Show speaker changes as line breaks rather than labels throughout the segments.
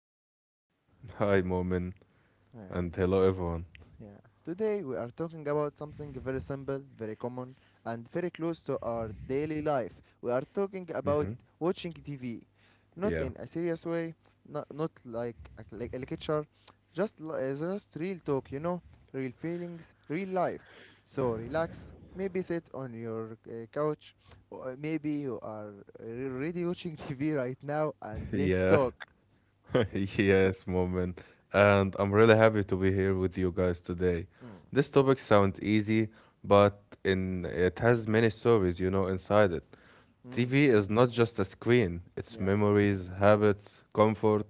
Hello, Mahmoud.
Hi, Momin,
Yeah.
and hello, everyone.
Yeah. Today we are talking about something very simple, very common, and very close to our daily life. We are talking about
Hmm.
watching TV. Not
Yeah,
in a serious way, not like a lecture, just real talk, you know? Real feelings, real life. So relax, maybe sit on your couch, or maybe you are already watching TV right now, and let's
yeah,
talk. Yeah.
yes, Momin. And I'm really happy to be here with you guys today.
Mm.
This topic sounds easy, but in it has many stories, inside it.
Mm.
TV is not just a screen; it's
Yeah.
memories, habits, comfort,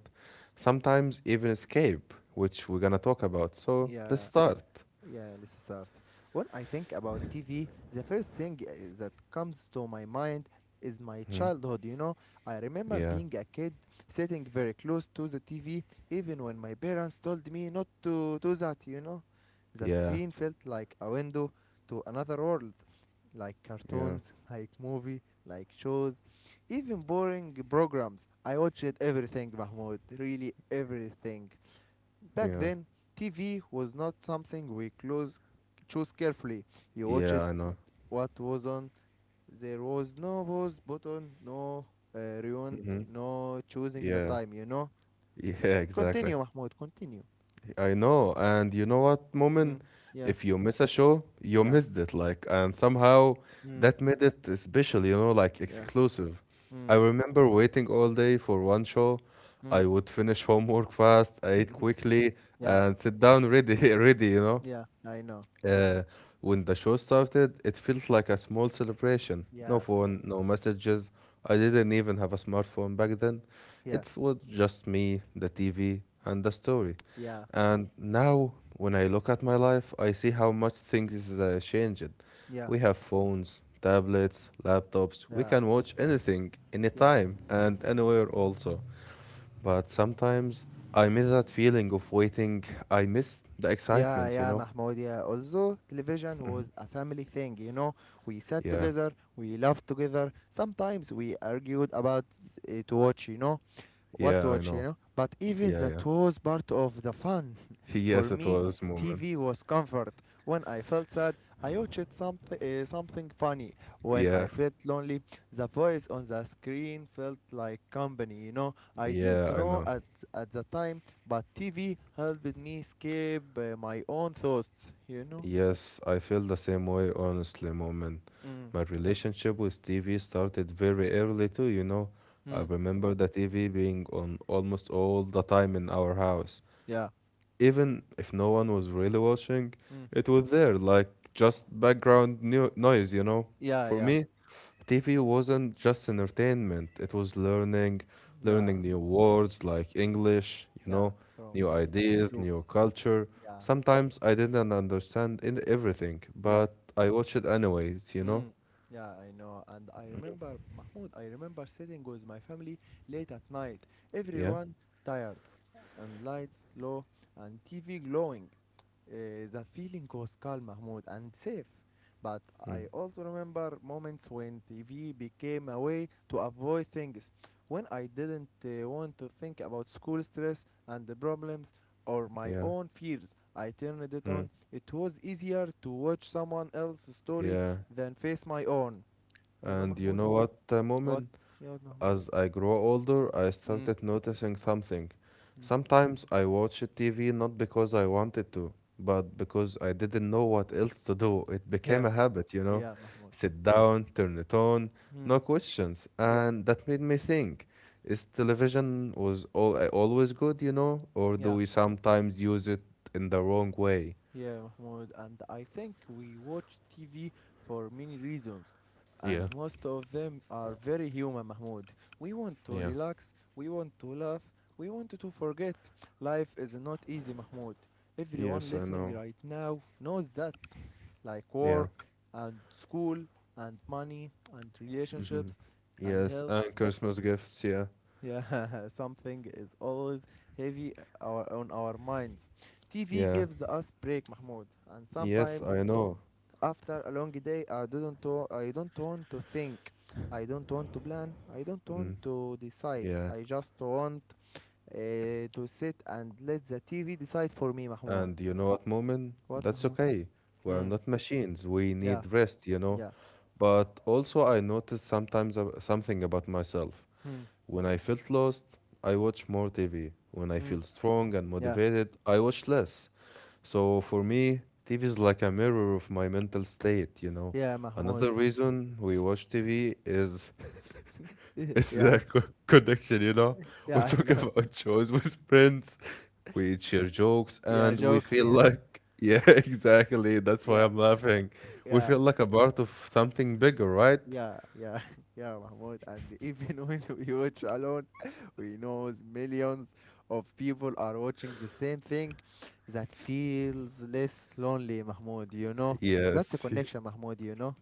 sometimes even escape, which we're gonna talk about. So let's
Yeah.
start.
Yeah, let's start. When I think about TV, the first thing that comes to my mind is my
Hmm.
childhood. You know, I remember
Yeah,
being a kid sitting very close to the TV, even when my parents told me not to do that. You know, the
yeah,
screen felt like a window to another world, like
yeah,
cartoons, like movie, like shows, even boring programs. I watched everything, Mahmoud, really everything. Back
yeah,
then, TV was not something we choose carefully. You
yeah.
watched
I know.
what was on. There was no pause button, no rewind,
Hmm.
no choosing the
Yeah,
time, you know?
yeah, exactly.
Continue, Mahmoud, continue.
I know. And you know what,
Mm,
Moment?
yeah,
If you miss a show, you
yeah,
missed it. Like, and somehow
mm,
that made it special, like
yeah,
exclusive. I
mm,
remember waiting all day for one show. I
mm.
would finish homework fast, I eat quickly,
Yeah,
and sit down ready, ready.
yeah, I know.
Uh, when the show started, it felt like a small celebration. No
Yeah,
phone, no messages. I didn't even have a smartphone back then.
yeah,
It was just me, the TV, and the story.
yeah,
And now, when I look at my life, I see how much things changed.
yeah,
We have phones, tablets, laptops. We
yeah,
can watch anything,
yeah.
anytime, and anywhere also. But sometimes I miss that feeling of waiting. I miss the
Yeah,
excitement, you
yeah,
know?
Mahmoud. Yeah. Although television was a family thing, you know, we sat
Yeah.
together, we laughed together. Sometimes we argued about to watch, you know, what to
Yeah, I
watch, you
know.
know. But even
Yeah, yeah.
that was part of the fun. For
Yes, it
me,
was Moment.
TV was comfort. When I felt sad, I watched something funny. When
Yeah,
I felt lonely, the voice on the screen felt like company, you know. I didn't
yeah, I
know
know.
at the time, but TV helped me escape my own thoughts, you know.
Yes, I feel the same way, honestly, Moment.
Mm.
My relationship with TV started very early too. I
Mm.
remember the TV being on almost all the time in our house.
Yeah.
Even if no one was really watching,
Mm.
it was there, like just background no noise.
Yeah,
For
yeah.
me, TV wasn't just entertainment, it was learning,
Yeah.
learning new words like English,
Yeah, from
new ideas,
YouTube.
new culture.
Yeah.
Sometimes I didn't understand in everything,
Yeah.
but I watched it anyways, you know?
Mm, yeah, I know. And I remember, Mahmoud, I remember sitting with my family late at night,
Yeah.
everyone tired, and lights low, and TV glowing. The feeling was calm, Mahmoud, and safe. But I
Mm.
also remember moments when TV became a way to avoid things, when I didn't want to think about school stress and the problems or my
Yeah.
own fears. I turned it
Mm.
on. It was easier to watch someone else's story
Yeah.
than face my own. You know,
And you
Mahmoud?
know what,
What?
Moment?
Yeah, what, Mahmoud?
As I grow older, I
Mm.
started noticing something.
Mm.
Sometimes I watched TV not because I wanted to, but because I didn't know what else to do. It became
Yeah,
a habit, you know?
yeah, Mahmoud.
Sit down, turn it on,
Mm.
no questions.
Yeah,
And that made me think, is television was all always good, you know? Or do
yeah.
we sometimes use it in the wrong way?
Yeah, Mahmoud, and I think we watch TV for many reasons, and
Yeah,
most of them are very human, Mahmoud. We want to
yeah.
relax, we want to laugh, we want to forget. Life is not easy, Mahmoud. Everyone
Yes, I
listening
know.
right now knows that. Like
Yeah.
work, and school, and money, and
Hmm.
relationships, and
Yes,
health.
and Christmas gifts, yeah.
Yeah, something is always heavy on our minds. TV
Yeah.
gives us break, Mahmoud, and
Yes,
sometimes
I know.
after a long day, I don't want to think, I don't want to plan, I don't want
Mm,
to decide.
yeah.
I just want to sit and let the TV decide for me, Mahmoud.
And you know what, Moment?
What,
That's
Mahmoud?
okay. We are
Mm,
not machines. We
yeah,
need rest.
yeah,
But also, I noticed sometimes something about myself.
mm,
When I felt lost, I watch more TV. When I
mm,
feel strong and
yeah,
motivated, I watch less. So for me, TV is like a mirror of my mental state.
yeah, Mahmoud.
Another reason we watch TV is it's
Yeah,
that connection. We
yeah, I
talk
know.
about shows with friends, we share jokes,
Yeah,
and we
jokes.
feel
Yeah,
like, yeah, exactly. That's why
yeah,
I'm laughing. We
yeah.
feel like a part of something bigger, right?
Yeah, yeah, yeah, Mahmoud. And even when we watch alone, we know millions of people are watching the same thing that feels less lonely, Mahmoud. You know, that's a
Yes.
connection, Mahmoud. You know,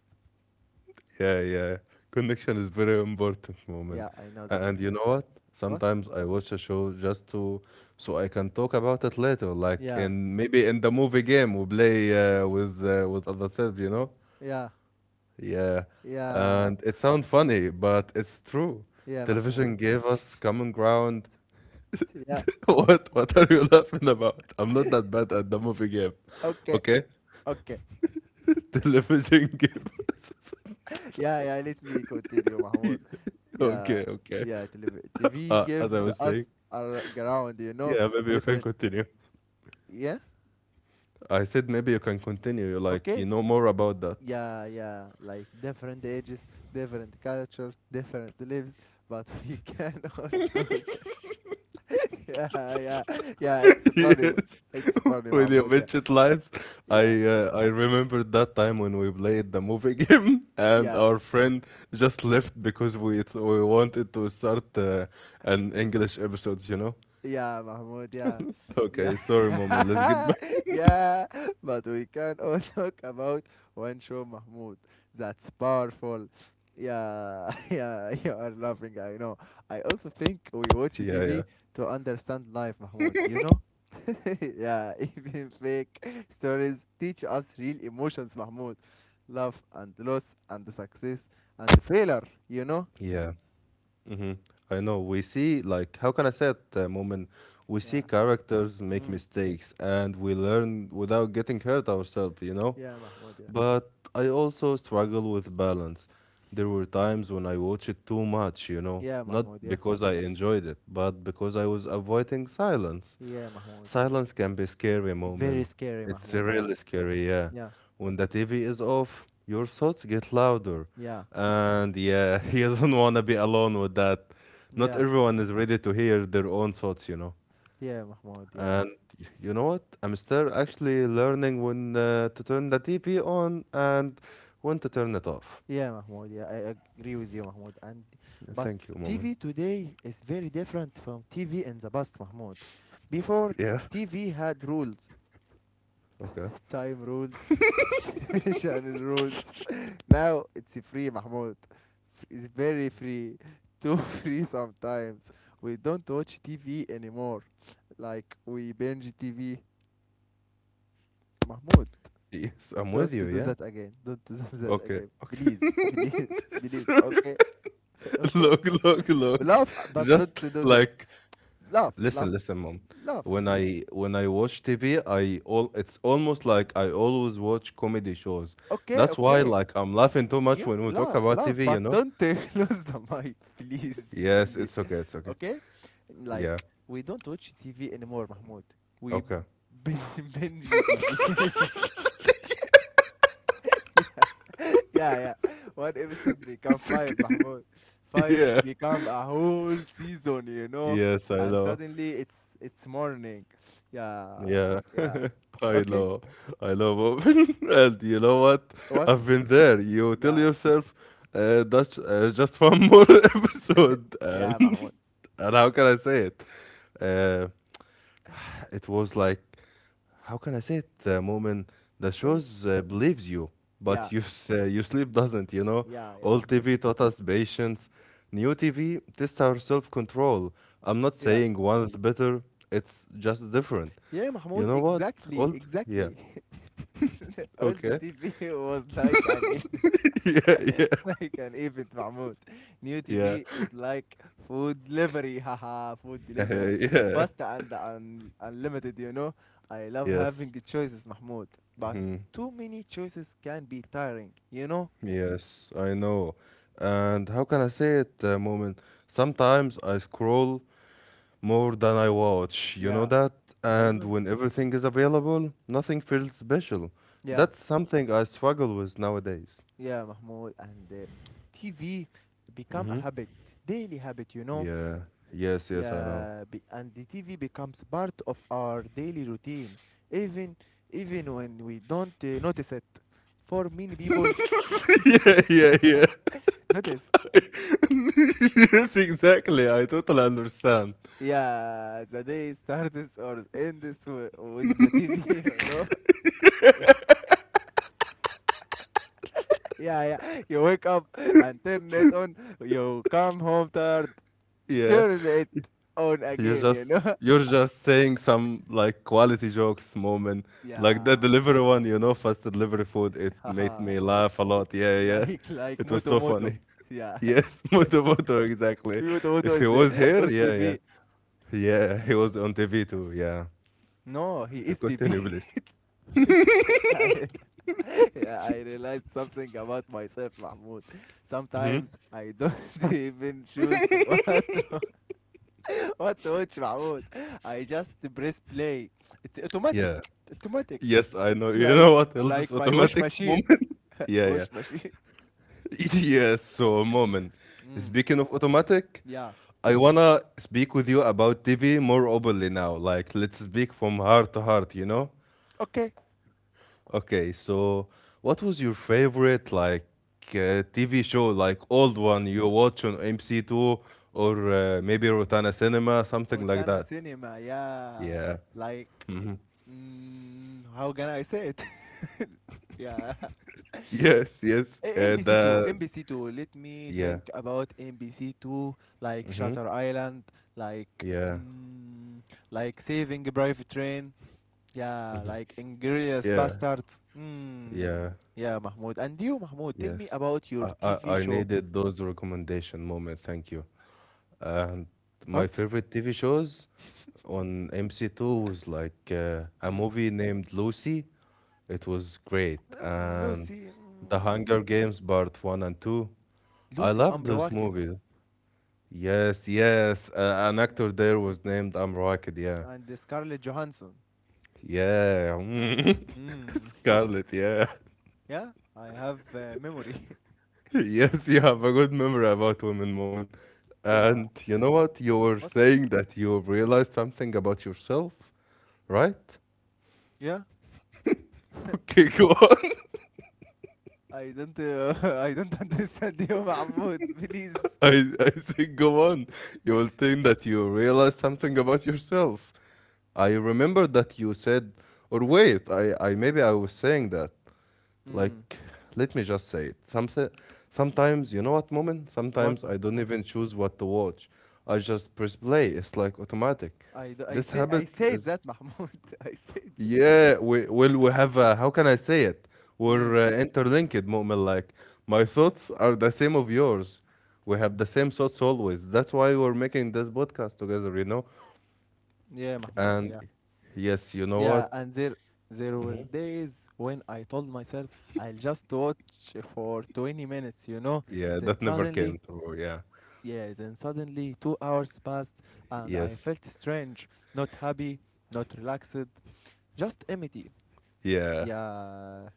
Yeah, yeah. Connection is very important, Moment.
yeah, I know that.
And you know what?
What?
Sometimes I watch a show just to so I can talk about it later, like
Yeah,
in maybe in the movie game we play with other self, you know?
yeah,
Yeah,
yeah,
and it sounds funny, but it's true.
yeah,
Television
Mahmoud.
gave us common ground.
Yeah,
What are you laughing about? I'm not that bad at the movie game.
okay,
Okay?
okay.
Television gave
Yeah, yeah, let me continue,
me.
Mahmoud.
Okay,
Yeah,
okay.
yeah, TV
As I
gives
was saying,
us our ground, you know,
yeah, maybe you can
different.
continue.
Yeah,
I said maybe you can continue. Like you
okay.
know more about that.
Yeah, yeah, like different ages, different culture, different lives, but we can all talk. Yeah, yeah, yeah, it's funny.
Yes,
It's funny,
when you
Mahmoud. Yeah,
mentioned lives, I
yeah,
uh, I remembered that time when we played the movie game, and
yeah.
our friend just left because we wanted to start an English episodes.
Yeah, Mahmoud, yeah. Yeah.
Okay, sorry, Moment. Let's get back.
Yeah. But we can all talk about one show, Mahmoud. That's powerful. Yeah, yeah, you are laughing, I know. I also think we watch
Yeah, yeah,
TV to understand life, Mahmoud, you know? Yeah, even fake stories teach us real emotions, Mahmoud. Love and loss and success and failure, you know?
yeah. Mm-hmm. I know. We see like how can I say it, Moment? We see
Yeah.
characters make
Mm.
mistakes, and we learn without getting hurt ourselves.
Yeah, Mahmoud, yeah.
But I also struggle with balance. There were times when I watched it too much,
Yeah,
not
Mahmoud, yeah.
because I enjoyed it, but because I was avoiding silence.
Yeah, Mahmoud.
Silence can be scary,
Very
Moment.
scary,
It's
Mahmoud. Yeah,
really scary, yeah.
yeah,
When the TV is off, your thoughts get louder.
yeah,
And yeah, you don't want to be alone with that. Not
yeah,
everyone is ready to hear their own thoughts.
yeah, Mahmoud. Yeah,
And you know what? I'm still actually learning when to turn the TV on and when to turn it off.
yeah, Mahmoud. Yeah, I agree with you, Mahmoud. And
Yeah,
but
thank you, Moment.
TV today is very different from TV in the past, Mahmoud. Before,
Yeah.
TV had rules,
Okay.
time rules, channel rules. Now it's free, Mahmoud. It's very free, too free sometimes. We don't watch TV anymore. Like we binge TV, Mahmoud.
Yes, I'm with
Don't
you.
do
Yeah.
that again. Don't do that
Okay.
again.
Okay.
Please, please, please.
Sorry.
Okay, okay.
Look, look, look.
Laugh, but don't
Just
do that.
like
Laugh, laugh,
listen, listen, Mom.
laugh.
When I watch TV, I all it's almost like I always watch comedy shows.
Okay,
That's why
okay.
like I'm laughing too much
You
when we talk
laugh,
about
laugh,
TV.
but
You know?
don't lose the mic, please,
Yes.
please.
It's okay. It's okay.
Okay?
Yeah.
Like, we don't watch TV anymore, Mahmoud. We
Okay.
binge TV. Yeah, yeah. One episode become five, Mahmoud. Five
Yeah.
become a whole season, you know.
Yes, I
And
know.
suddenly it's morning. Yeah,
Yeah.
yeah.
I
Okay.
know. I love oven. And you know what?
What?
I've been there. You tell
Yeah,
yourself, that's just one more episode. And,
yeah, Mahmoud.
and how can I say it? Uh, it was like how can I say it, Moment. The
Say it.
shows believes you,
Yeah,
but your sleep doesn't.
yeah, yeah,
Old
Mahmoud.
TV taught us patience, new TV tests our self control. I'm not
Yeah,
saying one is better; it's just different.
yeah,
You
Mahmoud.
know what?
Exactly,
Old, yeah,
exactly. All the
okay,
TV was like an
yeah, yeah,
like an event, Mahmoud. New
yeah,
TV is like food delivery, haha, food delivery.
yeah,
Pasta and unlimited, you know. I love having
yes.
the choices, Mahmoud. But
Mhm.
too many choices can be tiring, you know?
Yes, I know. And how can I say it, Moment? Sometimes I scroll more than I watch. You know
Yeah,
that?
I
And
know.
when everything is available, nothing feels special.
Yeah,
That's something I struggle with nowadays.
yeah, Mahmoud. And TV become a
Mm-hmm.
habit, daily habit, you know?
Yeah. Yes, yes, I know.
Yeah, and the TV becomes part of our daily routine, even even when we don't notice it for many people.
Yeah, yeah.
Notice.
Yes, exactly. I totally understand.
Yeah, the day starts or ends with the TV, you know? Yeah, yeah. You wake up and turn it on. You come home tired,
Yeah.
turn it on
You're
again, you
just
know?
you're just saying some like quality jokes, Moment, like the
Yeah.
delivery one, fast delivery food. It made
Haha.
me laugh a lot, yeah, yeah.
Like, like
It was
Moto
so
Moto.
funny.
Yeah.
Yes. Moto Moto, exactly.
Moto Moto
If he
is the
was here, yeah, yeah.
TV.
Yeah, he was on TV too, yeah.
No, he
Uh,
is TV.
continue please.
Yeah, I realized something about myself, Mahmoud. Sometimes I don't even choose what وات watch, معمود. I just press play. It's automatic,
Yeah,
automatic,
yes, I know. You
like
know what else
like
is
my wash
automatic,
machine,
Moment? Yeah, yeah.
wash machine.
Yes, so Momin,
Mm.
speaking of automatic,
Yeah.
I wanna speak with you about TV more openly now. Like, let's speak from heart to heart, you know?
Okay.
Okay, so what was your favorite, like, TV show, like, old one you watch on MC2 or maybe Rotana Cinema, something like
Rotana
that?
cinema. Yeah,
Yeah.
like how can I say it? Yeah.
Yes, yes.
Eh,
And,
NBC2 NBC2 let me
yeah,
think about NBC2, like Shutter Island, like
yeah,
mm, like Saving Private Train. Yeah, like inglorious
yeah,
bastards. Mm.
yeah.
Yeah, Mahmoud. And you, Mahmoud, tell me
Yes,
about your
I, I,
TV
I
show.
needed those recommendation, Moment. Thank you. And my
What?
favorite TV shows on MC2 was like a
Mm.
movie named Lucy. It was great. And
Lucy. Mm.
The Hunger Games Part 1 and 2. I
Lucy
loved those
Amrawakit.
movies. Yes, yes. An
Mm.
actor there was named Amr Raakid, yeah.
And the Scarlett Johansson.
Yeah. Mm.
Yeah. Mm.
Scarlett, yeah.
Yeah, I have memory.
Yes, you have a good memory about women, Moment.
Yeah.
And you know what? You were
What?
saying that you realized something about yourself, right?
Yeah.
Okay, go on.
I don't. I don't understand you, Mahmoud. Please.
I think go on. You will think that you realized something about yourself. I remember that you said, or wait, I maybe I was saying that.
Mm.
Like, let me just say it. Sometimes, you know what, Moment?
What?
Sometimes I don't
What?
even choose what to watch. I just press play. It's like automatic.
I, d- I
This
say
habit
I said
is,
that, Mahmoud. I said.
yeah, we have a, how can I say it?
That.
We're
Mm.
interlinked, Moment. Like, my thoughts are the same of yours. We have the same thoughts always. That's why we're making this podcast together, you know?
Yeah, Mahmoud.
And
Yeah.
yes, you know
Yeah,
what?
and there were days when I told myself I'll just watch for 20 minutes, you know.
Yeah,
Then
that never
suddenly,
came through. Yeah.
yeah, then suddenly 2 hours passed and I
Yes.
felt strange, not happy, not relaxed, just empty.
Yeah.
Yeah.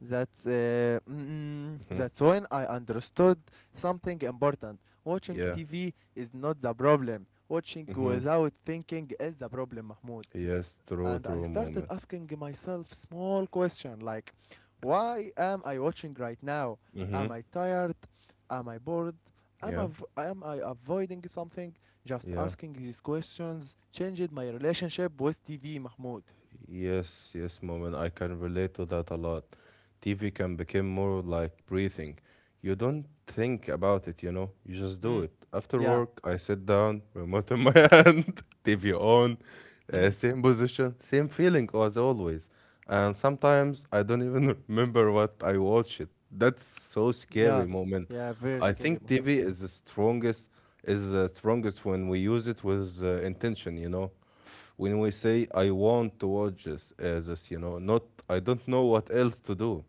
That's uh, mm,
Mhm.
that's when I understood something important. Watching
Yeah.
TV is not the problem. Watching
Mm-hmm.
without thinking is the problem, Mahmoud.
Yes, true,
And I
true,
started
Moment.
asking myself small question like, why am I watching right now?
Mm-hmm.
Am I tired? Am I bored? Am I,
Yeah,
v- am I avoiding something? Just
yeah.
asking these questions changed my relationship with TV, Mahmoud.
Yes, yes, Moment. I can relate to that a lot. TV can become more like breathing. You don't think about it, you know? You just
Mm.
do it. After
Yeah.
work, I sit down, remote in my hand, TV on,
Mm.
same position, same feeling as always. And sometimes I don't even remember what I watched. That's so
Yeah.
scary, Moment.
Yeah, very
I
scary,
think
Mahmoud.
TV is the strongest when we use it with intention, you know? When we say I want to watch this, not I don't know what else to do.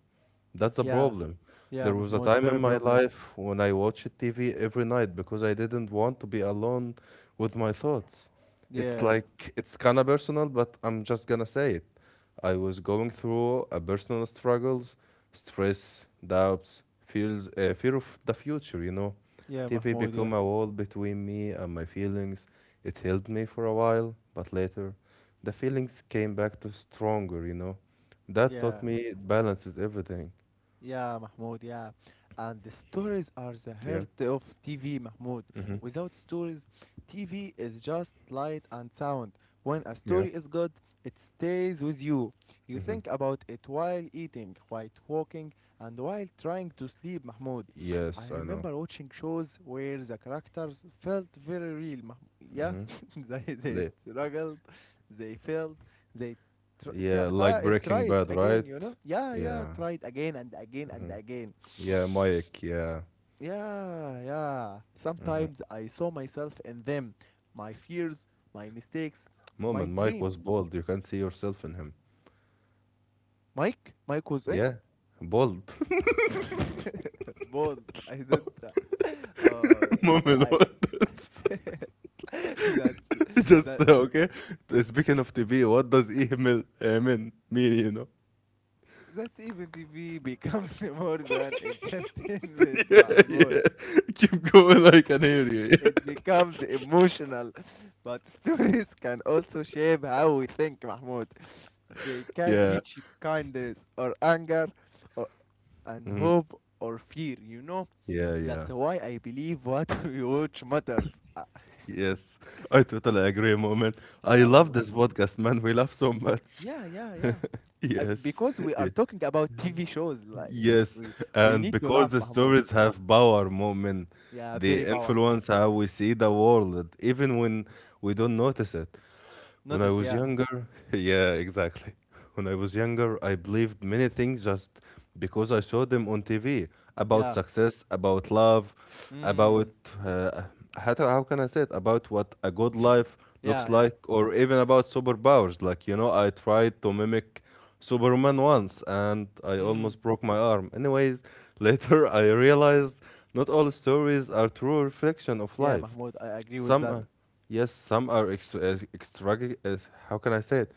That's the
Yeah.
problem.
Yeah,
There was a
Mahmoud,
time in
very
my
problem.
life when I watched TV every night because I didn't want to be alone with my thoughts. It's
Yeah.
like it's kind of personal, but I'm just gonna say it. I was going through a personal struggles, stress, doubts, feels, fear of the future.
Yeah,
TV
Mahmoud, yeah.
become a wall between me and my feelings. It held me for a while, but later the feelings came back to stronger. That taught
Yeah.
me it balances everything.
Yeah, Mahmoud, yeah. And the stories are the
Yeah.
heart of TV, Mahmoud.
Mm-hmm.
Without stories, TV is just light and sound. When a
Yeah.
story is good, it stays with you. You
Mm-hmm.
think about it while eating, while walking, and while trying to sleep, Mahmoud. I
Yes, I know.
remember watching shows where the characters felt very real, Mahmoud. Yeah,
Mm-hmm.
they
Le-
struggled, they failed, they tr- t-
yeah, like
t- try
Breaking
it
Bad,
again, you
right?
know? Yeah, yeah,
Yeah.
try it again and again and
Mm-hmm.
again.
Yeah, Mike. Yeah.
Yeah, yeah.
Mm-hmm.
Sometimes I saw myself in them, my fears, my mistakes, my
Moment, Mike
dream.
was bold. You can see yourself in him.
Mike? Mike was eh?
Yeah, bold.
Bold. I don't.
Moment,
I.
what?
That's
Just
that.
okay. Speaking of TV, what does email mean? Mean, you know?
That's even TV becomes more than entertainment,
Yeah,
Mahmoud.
yeah. Keep going. Like, I can hear you.
It becomes emotional. But stories can also shape how we think, Mahmoud. They can
Yeah.
teach kindness or anger or, and
Mhm.
hope or fear, you know?
Yeah, yeah.
That's why I believe what we watch matters. Uh,
Yes. I totally agree, moment. I
yeah,
love
Mahmoud.
this podcast, man. We love so much.
Yeah, yeah, yeah. Uh,
Yes.
Because we are
Yeah.
talking about TV shows, like
Yes.
we we
And
need to
because
laugh,
the
Mahmoud.
stories have power, moment,
Yeah,
they
very power.
influence how we see the world, even when we don't notice it. When I
Notice,
was
yeah,
younger, yeah, exactly. When I was younger, I believed many things just because I saw them on TV about
yeah.
success, about love, about
Mm,
uh, how, how can I say it? About what a good life looks
yeah, yeah.
like, or even about superpowers. Like, you know, I tried to mimic Superman once and I
Mm,
almost broke my arm. Anyways, later I realized not all stories are true reflection of
yeah,
life.
Mahmoud, I agree with
Some
that.
are, yes, some are extra, extra, how can I say it?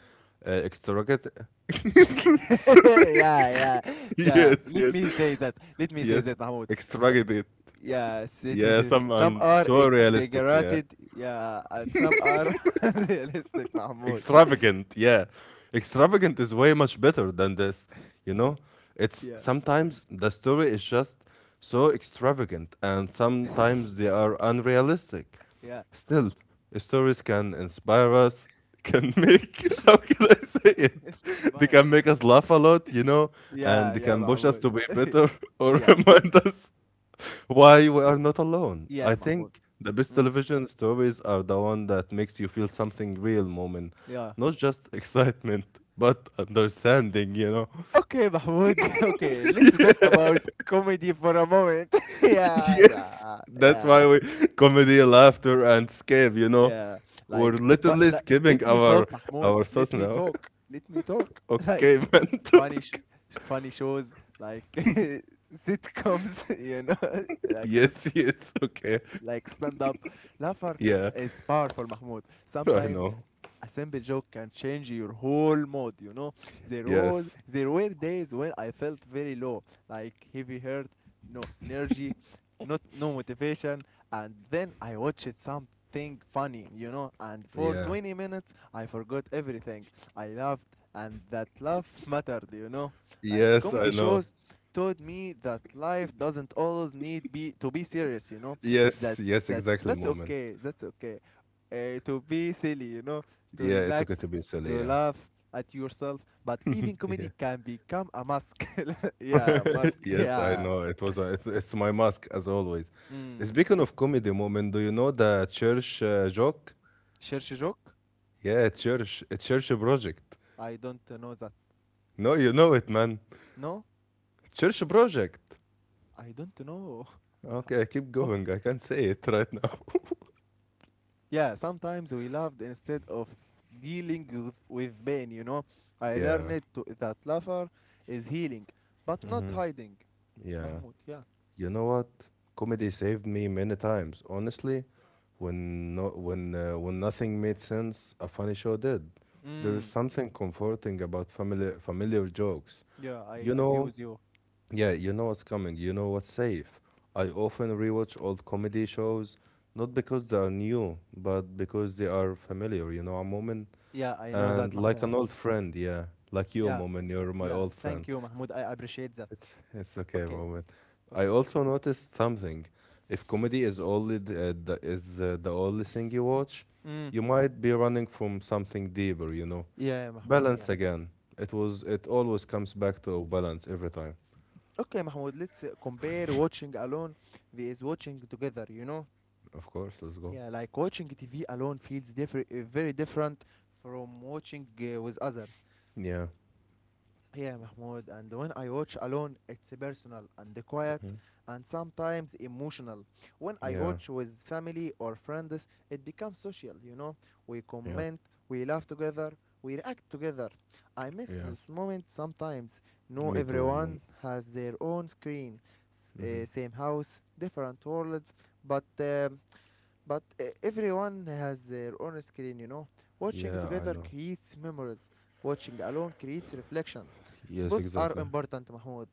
Extravagant. Sorry,
Yeah, yeah, yeah.
yes,
Let
yes,
me say that. Let me say
yes.
that, Mahmoud. S
Extravagant.
yes, let me
Yeah,
say
some
some
are
are
so realistic. Yeah,
exaggerated, yeah, and some are realistic, Mahmoud.
extravagant, yeah. Extravagant is way much better than this, you know. It's
Yeah,
sometimes the story is just so extravagant and sometimes they are unrealistic.
yeah.
Still, stories can inspire us, can make, how can I say it,
It's a
they
buyer.
can make us laugh a lot, you know, and
Yeah,
they
yeah,
can push us
Mahmoud.
to be better or
Yeah,
remind us why we are not alone. I
yeah, Mahmoud.
think the best
Mm,
television stories are the one that makes you feel something real, moment,
yeah.
not just excitement, but understanding, you know.
Okay, Mahmoud. Okay, let's talk about comedy for a moment. Yeah,
Yes,
yeah,
that's
yeah.
why we comedy, laughter, and escape, you know.
Yeah,
We're
like, but
literally skipping
let me
our
talk, Mahmoud. Let
source
me
now.
talk. Let me talk.
Okay,
Like,
man,
funny,
talk.
sh- funny shows, like sitcoms.
Yes, yes, okay.
Like stand up. Laughter
Yeah,
is powerful, Mahmoud.
I
Sometimes
know.
a simple joke can change your whole mood. There was
Yes,
there were days when I felt very low, like heavy heart, no energy, not no motivation, and then I watched something funny, and for
yeah.
20 minutes I forgot everything. I laughed and that laugh mattered. Like
Yes, I
comedy
know.
shows taught me that life doesn't always need be to be serious.
Yes,
That's
yes,
that's
exactly,
that's
moment.
okay. That's okay to be silly, to
Yeah, it's okay to
relax,
be silly.
to
Yeah,
laugh at yourself, but even
yeah.
comedy can become a mask. Yeah, mask.
Yes, I
Yeah.
know. It was. A, it's my mask as always.
Mm.
Speaking of comedy, moment, do you know the church joke?
Cherche joke?
Yeah, church, a church project.
I don't know that.
No, you know it, man.
No?
Church project.
I don't know.
Okay, I keep
Ok.
going. I can't say it right now.
Yeah, sometimes we laughed instead of dealing with pain. I
Yeah.
learned that laughter is healing, but not
Hmm.
hiding.
Yeah.
Mahmoud, yeah.
You know what? Comedy saved me many times. Honestly, when no, when nothing made sense, a funny show did. There is
Mm.
something comforting about familiar jokes.
Yeah, I
You
agree
know,
with you.
yeah, you know what's coming. You know what's safe. I often rewatch old comedy shows, not because they are new, but because they are familiar. You know, a moment
Yeah, I know that,
and like
Mahmoud.
an old friend. Yeah, like you,
Yeah.
moment. You're my
لا,
old friend.
thank you, Mahmoud, I appreciate that.
It's okay,
Okay.
moment. I
Okay.
also noticed something. If comedy is only the only thing you watch,
Mm.
you might be running from something deeper, you know.
Yeah, Mahmoud. Yeah.
Balance again. It was it always comes back to balance every time.
Okay, Mahmoud. Let's compare watching alone vs watching together. You know.
Of course, let's go.
Yeah, like watching TV alone feels different, very different from watching with others.
Yeah.
Yeah, Mahmoud. And when I watch alone, it's personal and quiet
Hmm.
and sometimes emotional. When I
Yeah.
watch with family or friends, it becomes social. We
Yeah.
comment, we laugh together, we react together. I miss
Yeah.
this moment sometimes. No,
Me too,
everyone
moment.
has their own screen,
Hmm.
same house, different worlds, but. um but everyone has their own screen. Watching
Yeah, I
together
know.
creates memories. Watching alone creates reflection.
Yes,
Both are
exactly.
important, Mahmoud.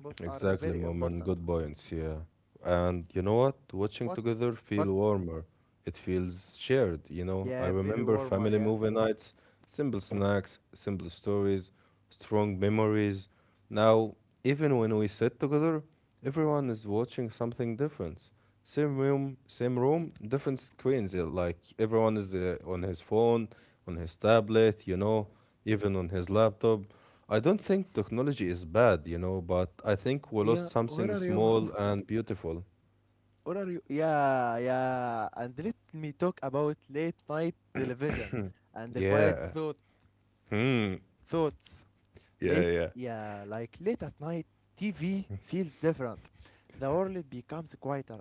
Both are
Exactly,
very
moment.
important.
Good points, yeah. And you know what? Watching
What?
together
What?
feel warmer. It feels shared, you know. I
Yeah, very
remember
warmer,
family
yeah.
movie nights, simple snacks, simple stories, strong memories. Now, even when we sit together, everyone is watching something different. Same room, different screens. Yeah, like everyone is on his phone, on his tablet, you know, even on his laptop. I don't think technology is bad, you know, but I think we lost
Yeah, where
something
are you,
small
Mahmoud?
and beautiful.
Where are you? Yeah, yeah. And let me talk about late night television and the quiet
Yeah.
thought,
Hmm.
thoughts.
Yeah, yeah.
Yeah, like late at night, TV feels different. The world becomes quieter.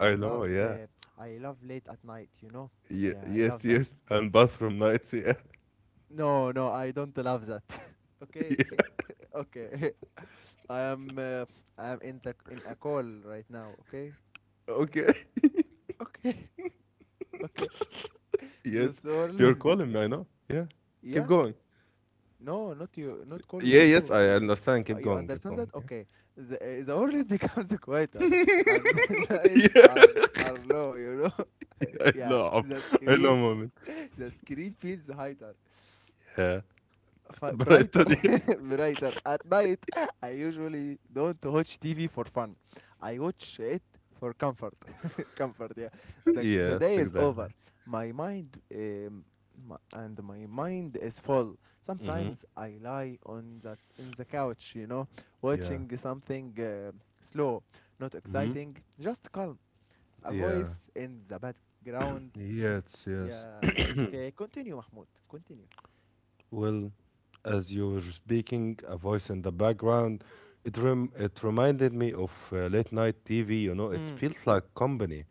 I
love,
know, yeah.
uh, I love late at night. You know? Yeah, I
Yes,
love that.
yes. And bathroom nights, yeah.
No, no, I don't love that. Okay.
Yeah.
Okay. I am uh, I am in a call right now, okay?
Okay.
Okay. Okay.
Yes.
The soul
You're
is the-
calling me, I know. Yeah. Keep
Yeah?
going.
No, not you, not call
Yeah,
with
yes,
you.
I understand. Keep
You
going, keep
understand
going.
that?
Yeah.
Okay. The world becomes quieter and the lights are
Yeah.
are low, you know?
I
Yeah,
know.
the
I know,
screen
moment.
the screen feels higher.
Yeah. But I
Brighter,
thought, yeah.
brighter. At night, I usually don't watch TV for fun. I watch it for comfort. Comfort, yeah. The
Yes,
day is
exactly.
over. My mind um, my mind is full.
Mm-hmm.
Sometimes I lie on that in the couch,
Yeah.
watching something slow, not
Mm-hmm.
exciting, just calm. A
Yeah.
voice in the background.
Yes, yes.
Yeah, like continue, Mahmoud. Continue.
Well, as you were speaking, a voice in the background, it reminded me of late night TV, you know, it
Mm.
feels like company,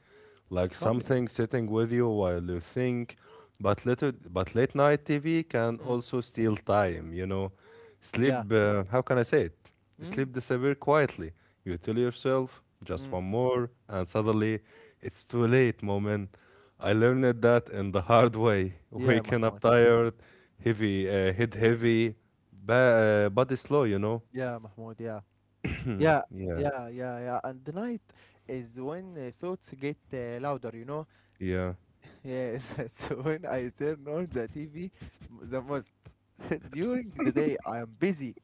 like
Company.
something sitting with you while you think, but little, but late night TV can
Mm.
also steal time, you know.
Yeah.
Sleep, how can I say it?
Mm,
Sleep disappear quietly. You tell yourself just
mm.
one more, and suddenly it's too late, moment. I learned that in the hard way.
Yeah,
Waking up
Mahmoud.
tired, heavy, head heavy, body slow, you know?
Yeah, Mahmoud. Yeah, yeah,
Yeah,
yeah, yeah, yeah. And the night is when thoughts get louder. You know,
yeah,
yeah, that's when I turn on the TV the most. During the day, I am busy.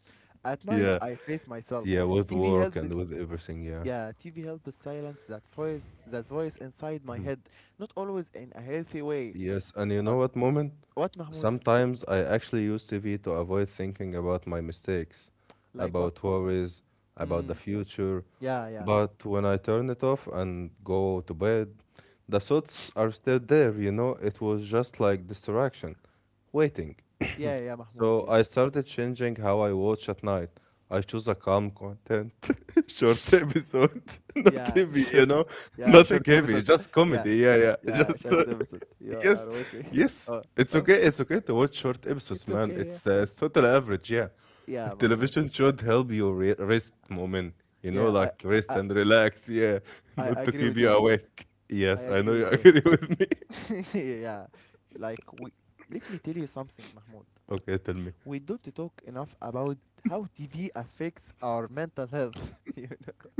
At night,
yeah,
I face myself.
yeah, with
TV
work and
helps.
with everything, yeah.
Yeah, TV helps silence that voice inside my head. Not always in a healthy way,
Yes, and you know
but
what, moment?
what, Mahmoud?
Sometimes I actually use TV to avoid thinking about my mistakes,
Like what?
about worries, about the
Mm.
future.
Yeah, yeah,
But when I turn it off and go to bed, the thoughts are still there, you know? It was just like distraction, waiting.
yeah, yeah, Mahmoud.
So
Yeah.
I started changing how I watch at night. I choose a calm content, short episode, not
Yeah,
heavy, you
sure.
know,
Yeah, short
nothing heavy,
episode.
just
Yeah,
comedy. Yeah, yeah,
yeah,
just
short episode. You
yes,
are watching.
yes.
Oh,
It's
oh,
okay. It's okay to watch short episodes,
it's
man.
okay. Yeah,
It's total average. Yeah,
yeah, Mahmoud.
television should help you rest, moment. You know,
Yeah,
like rest
I,
and relax. Yeah,
I
not to
agree
keep
with you,
you
Mahmoud.
awake.
I
Yes, I
agree
know you
with you.
agree with me.
Yeah, like we. Let me tell you something, Mahmoud.
Okay, tell me.
We don't talk enough about how TV affects our mental health.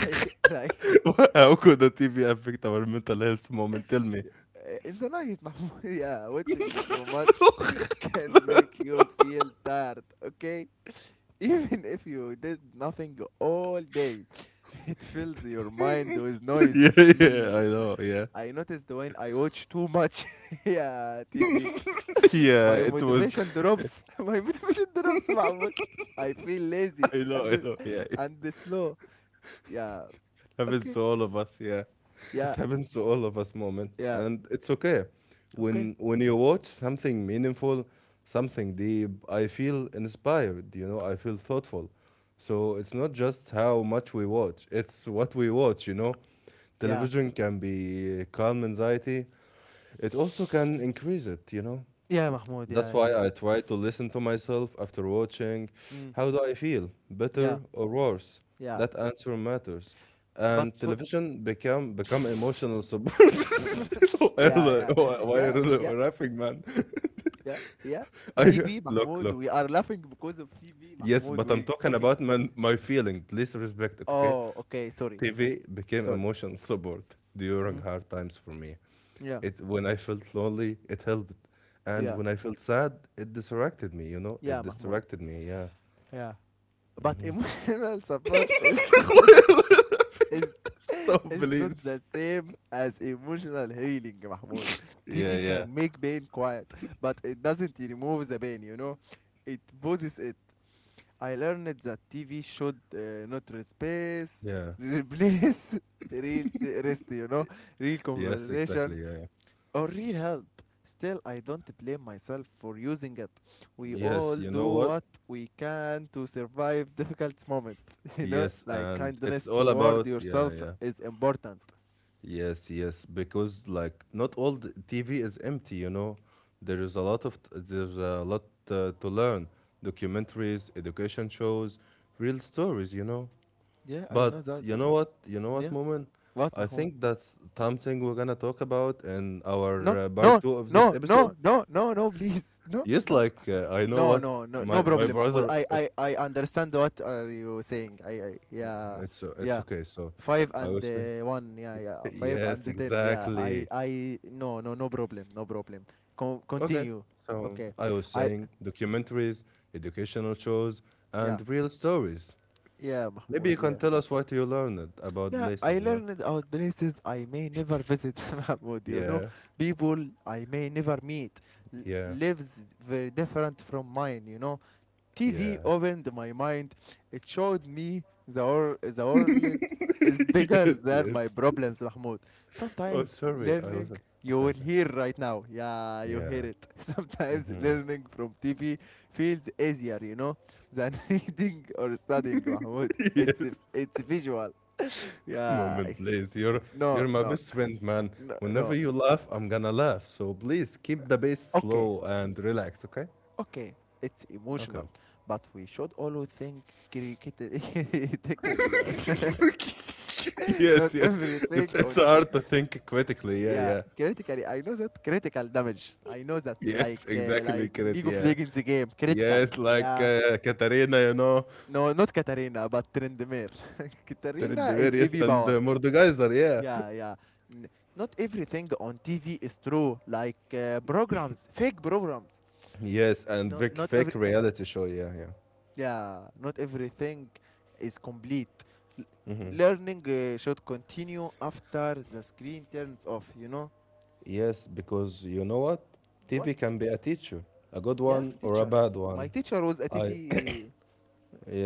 like, like
What? How could the TV affect our mental health, moment? Tell me.
uh, in the night, Mahmoud. Yeah, watching it too much can make you feel tired, okay. Even if you did nothing all day, it fills your mind with noise
Yeah,
mm,
yeah, I know, yeah.
I noticed when I watch too much yeah, TV,
Yeah,
my
it was.
motivation drops. My motivation drops, Mahmoud. I feel lazy and
I
this,
know, yeah. It
and this slow. Yeah.
happens
Okay.
to all of us, yeah. It
Yeah.
happens to all of us, moment.
Yeah,
And it's okay.
okay.
When you watch something meaningful, something deep, I feel inspired, you know, I feel thoughtful. So it's not just how much we watch, it's what we watch, you know.
Yeah,
Television can be calm anxiety, it also can increase it, you know?
yeah, Mahmoud. Yeah,
That's
I
why
can.
I try to listen to myself after watching.
Mm,
How do I feel?
yeah,
Better or worse?
yeah.
That answer matters.
But
And
for
television become emotional support. Why are
yeah,
they,
yeah,
why are
yeah,
they
yeah,
laughing, man?
yeah, yeah.
I
TV,
look,
Mahmoud,
look.
we are laughing because of TV,
Yes,
Mahmoud.
but I'm
We
talking
talking.
about, man, my feeling. Please respect it, okay?
Oh, okay. Sorry,
TV became
sorry.
emotional support during
Mm,
hard times for me.
yeah,
It when I felt lonely, it helped, and
yeah,
when I felt sad, it distracted me. You know, it
yeah, Mahmoud.
distracted me. Yeah.
Yeah. But emotional support is,
So
is not
please.
the same as emotional healing, Mahmoud.
Yeah,
TV
yeah,
can make pain quiet, but it doesn't remove the pain. It poses it. I learned that TV should not replace
yeah.
replace real rest, real
Yes, exactly.
conversation
Yeah.
or real help. Still, I don't blame myself for using it. We all
Yes, you
do
know what?
what we can to survive difficult moments,
Yes,
like
and it's
kindness
all
toward
about yeah,
yourself
yeah.
is important.
Yes, yes, because like not all the TV is empty, you know. There is a lot of there's a lot to learn, documentaries, education shows, real stories, you know.
Yeah, I
But
know that.
you know what? You know what,
Yeah.
moment?
What,
I
Mahmoud?
think that's something we're gonna talk about in our
No,
part
no,
two of this
no,
episode.
no, no, no, no, please. No,
Yes,
no.
like I know
No,
what
no, no, no
my
problem, Mahmoud.
brother.
I,
Okay,
I, I understand what are you saying. I yeah,
it's
yeah.
okay. So
Five
I
and
would say
one, yeah, yeah. Five and
yes,
the ten, yeah.
exactly.
No, no, no problem, no problem.
Okay,
Continue.
so
Okay.
I was
I,
saying documentaries, educational shows,
yeah,
and real stories.
yeah,
Maybe you
Mahmoud,
can
yeah.
tell us what you learned about
Yeah, I
places, you know?
learned about places I may never visit, Mahmoud,
Yeah,
People I may never meet
yeah,
lives very different from mine. TV
yeah.
opened my mind. It showed me the world is bigger
Yes,
than my
yes.
problems, Mahmoud.
Oh,
Sometimes
sorry, I was.
learning, you
Okay,
will
okay.
hear right now. Yeah, you
Yeah.
hear it. Sometimes learning from TV feels easier, than reading or studying, Mahmoud. It's,
Yes.
it's visual. Yeah,
Moment,
it's.
please.
No,
You're my
no,
best friend, man.
no,
Whenever
no.
you laugh, I'm gonna laugh. So please keep the bass
Okay,
slow and relax, okay?
okay. It's
Okay.
emotional, but we should always think critically. Critically, yeah. Not
Yes, yes. It's
everything on,
it's hard to think critically. Yeah,
yeah,
yeah.
critically. I know that. Critical damage, I know that,
Yes, exactly,
like
correct.
League of
Yeah,
Legends game critical.
yes, like
Yeah.
Katarina, you know,
No, not Katarina but Trendemir. Katarina is
Trinidadiris
ab
and
power.
Mordekaiser. Yeah,
Yeah, yeah. N- Not everything on TV is true, like programs fake programs.
yes, and
No, not every.
fake reality show. Yeah, yeah.
Yeah, not everything is complete. L- Learning should continue after the screen turns off, you know
Yes, because you know what?
what.
TV can be a teacher, a good
Yeah,
one or a
teacher.
bad
My
one.
teacher was
I
Atifi.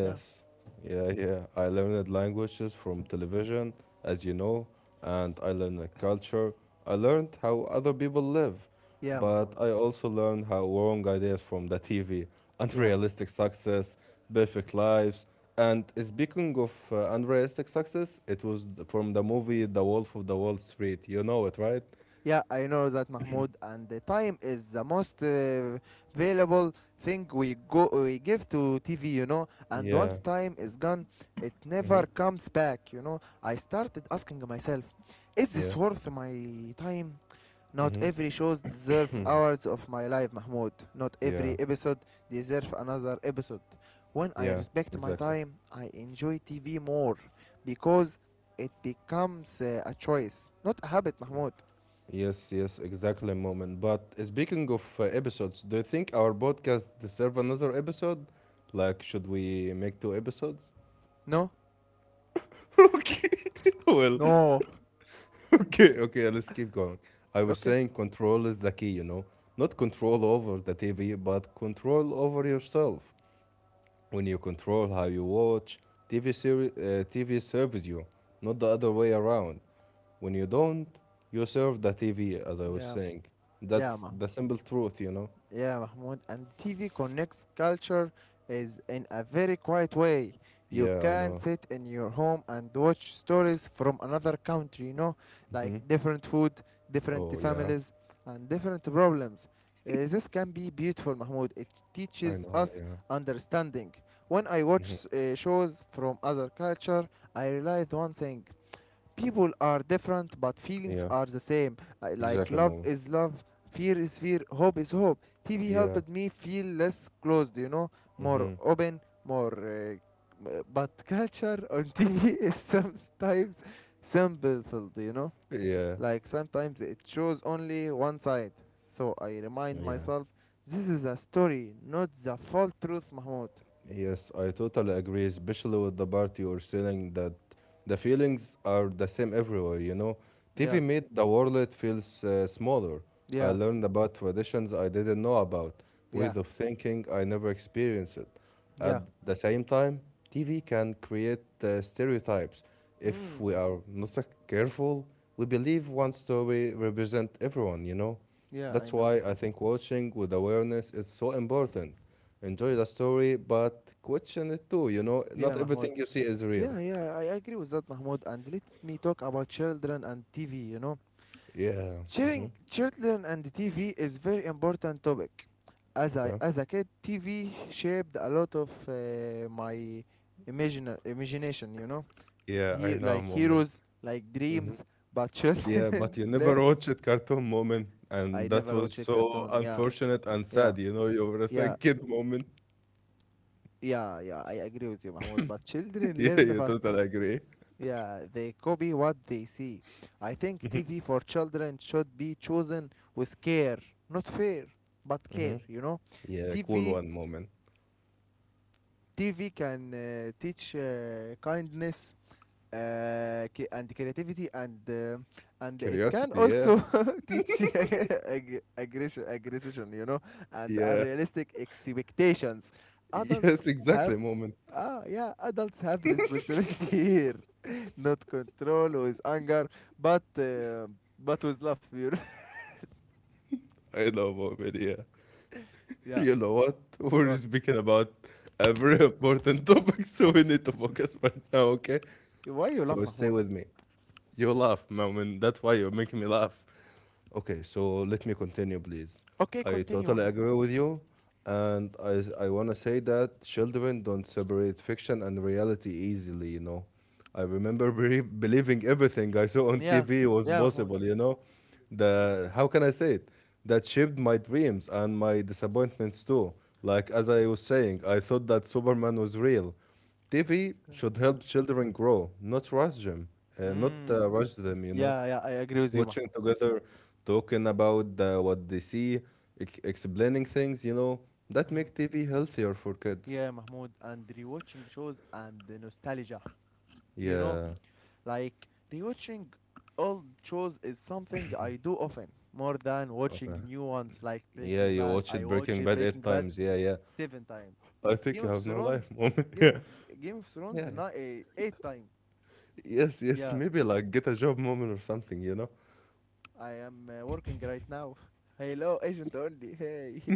Yeah,
yeah, yeah. I learned languages from television, as you know, and I learned a culture. I learned how other people live,
yeah,
but
Mahmoud.
I also learned how wrong ideas from the TV,
Yeah,
unrealistic success, perfect lives. And speaking of unrealistic success, it was from the movie The Wolf of the Wall Street. You know it, right?
yeah. I know that, Mahmoud, and the time is the most valuable thing we give to TV. And once
Yeah.
time is gone, it
Mm-hmm.
never comes back. I started asking myself, is this
Yeah.
worth my time? Not
Mm-hmm.
every shows deserve hours of my life, Mahmoud. Not
Yeah.
every episode deserves another episode. When I
Yeah.
respect my
Exactly.
time, I enjoy TV more because it becomes a choice, not a habit, Mahmoud.
Yes, yes, exactly, moment. But speaking of episodes, do you think our podcast deserve another episode? Like, should we make 2 episodes?
No?
Okay, well,
No.
okay, okay, let's keep going. I was
Okay.
saying control is the key, you know? Not control over the TV, but control over yourself. When you control how you watch, TV, TV serves you, not the other way around. When you don't, you serve the TV, as I was
Yeah.
saying.
Yeah,
That's
Mahmoud.
the simple truth, you know?
Yeah, Mahmoud. And TV connects culture is in a very quiet way. You
Yeah, I
can
know.
sit in your home and watch stories from another country, like different food, different
Oh, yeah.
families, and different problems. This can be beautiful, Mahmoud. It
I
teaches
know.
us
Yeah.
understanding. When I watch shows from other culture, I realize one thing: people are different but feelings
Yeah.
are the same. Like
Exactly,
love
Mama.
is love, fear is fear, hope is hope. TV
Yeah.
helped me feel less closed, more
Mm-hmm.
open, but culture on TV is sometimes simple, you know
Yeah.
like sometimes it shows only one side. So I remind
Yeah.
myself, this is a story, not the full truth, Mahmoud.
Yes, I totally agree, especially with the part you're saying that the feelings are the same everywhere, you know. TV
Yeah,
made the world feels smaller. I
yeah,
learned about traditions I didn't know about,
yeah,
ways of thinking I never experienced. At
yeah.
the same time, TV can create stereotypes. If
Mm,
we are not so careful, we believe one story represents everyone, you know.
yeah,
That's
I know,
why I think watching with awareness is so important. Enjoy the story, but question it too. You know, not
yeah, Mahmoud.
everything you see is real.
Yeah, yeah, I agree with that, Mahmoud. And let me talk about children and TV.
Yeah. Hmm.
Sharing children and TV is very important topic. As I
Okay.
as a kid, TV shaped a lot of my imagination.
Yeah, I
Here
know,
like
moment.
heroes, like dreams, but
Yeah, but
children
you
learn.
never watched it, cartoon moment, and
I
that
never
was
watch a
so
cartoon. Yeah,
unfortunate and
yeah,
sad. You know, you were a
yeah,
sad kid moment.
yeah, yeah. I agree with you, Mahmoud. But children
Yeah,
learn
you
fast.
totally agree.
Yeah, they copy what they see. I think TV for children should be chosen with care, not fear, but care, you know?
Yeah, cool
TV
one moment.
TV can teach kindness, and creativity and it can
Curiosity. Yeah.
also teach aggression, and
Yeah.
unrealistic expectations. Adults
Yes,
have
exactly, moment.
yeah, adults have responsibility here, not control with anger, but uh, but with love. You
I know, moment. Yeah.
yeah.
You know what? We're
What?
speaking about a very important topic, so we need to focus right now, okay?
Why you love
So stay
Mahmoud?
with me. You laugh, Moment. That's why you're making me laugh. Okay, so let me continue, please.
Okay,
I
continue,
totally
Mahmoud.
agree with you, and I want to say that children don't separate fiction and reality easily, you know. I remember be believing everything I saw on
Yeah,
TV was
yeah, Mahmoud.
possible, you know. The how can I say it? That shaped my dreams and my disappointments too. Like as I was saying, I thought that Superman was real. TV should help children grow, not rush them, uh, not
Mm.
uh, rush them, you know,
Yeah, yeah, I agree with you,
watching
Mahmoud.
together, talking about what they see, ex explaining things, you know, that
Mm.
make TV healthier for kids.
Yeah, Mahmoud, and rewatching shows and the nostalgia. You know,
Yeah.
like rewatching old shows is something I do often, more than
Okay.
watching new ones like
Yeah,
Breaking
you
Bad.
watch
I
it
watch
Breaking Bad
Breaking
eight
Bad
times. Yeah, yeah.
seven times.
I think
Game
you
of
have no life
Thrones,
moment.
Game, Game of Thrones,
Yeah. Yeah.
not eight times.
Yes, yes.
Yeah,
Maybe like get a job moment or something, you know?
I am working right now. Hello, agent only. Hey.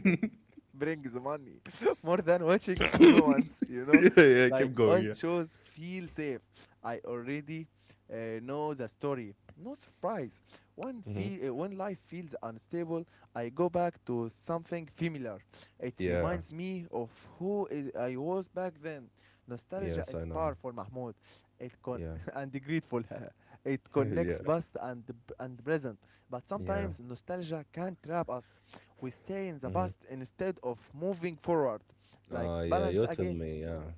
brings money more than watching new ones, you know?
Yeah, yeah.
Like
Keep going.
old
Yeah.
shows feel safe. I already know the story. No surprise. When
Mm-hmm.
feel uh, when life feels unstable, I go back to something familiar. It
Yeah.
reminds me of I was back then. Nostalgia
Yes, I
is
know.
powerful, Mahmoud. It con-
Yeah.
and grateful. it connects
Yeah.
past and present. But
Yeah.
sometimes nostalgia can trap us. We stay in the
Mm-hmm.
past instead of moving forward. Like
Yeah,
balance
you tell
again.
me. Yeah.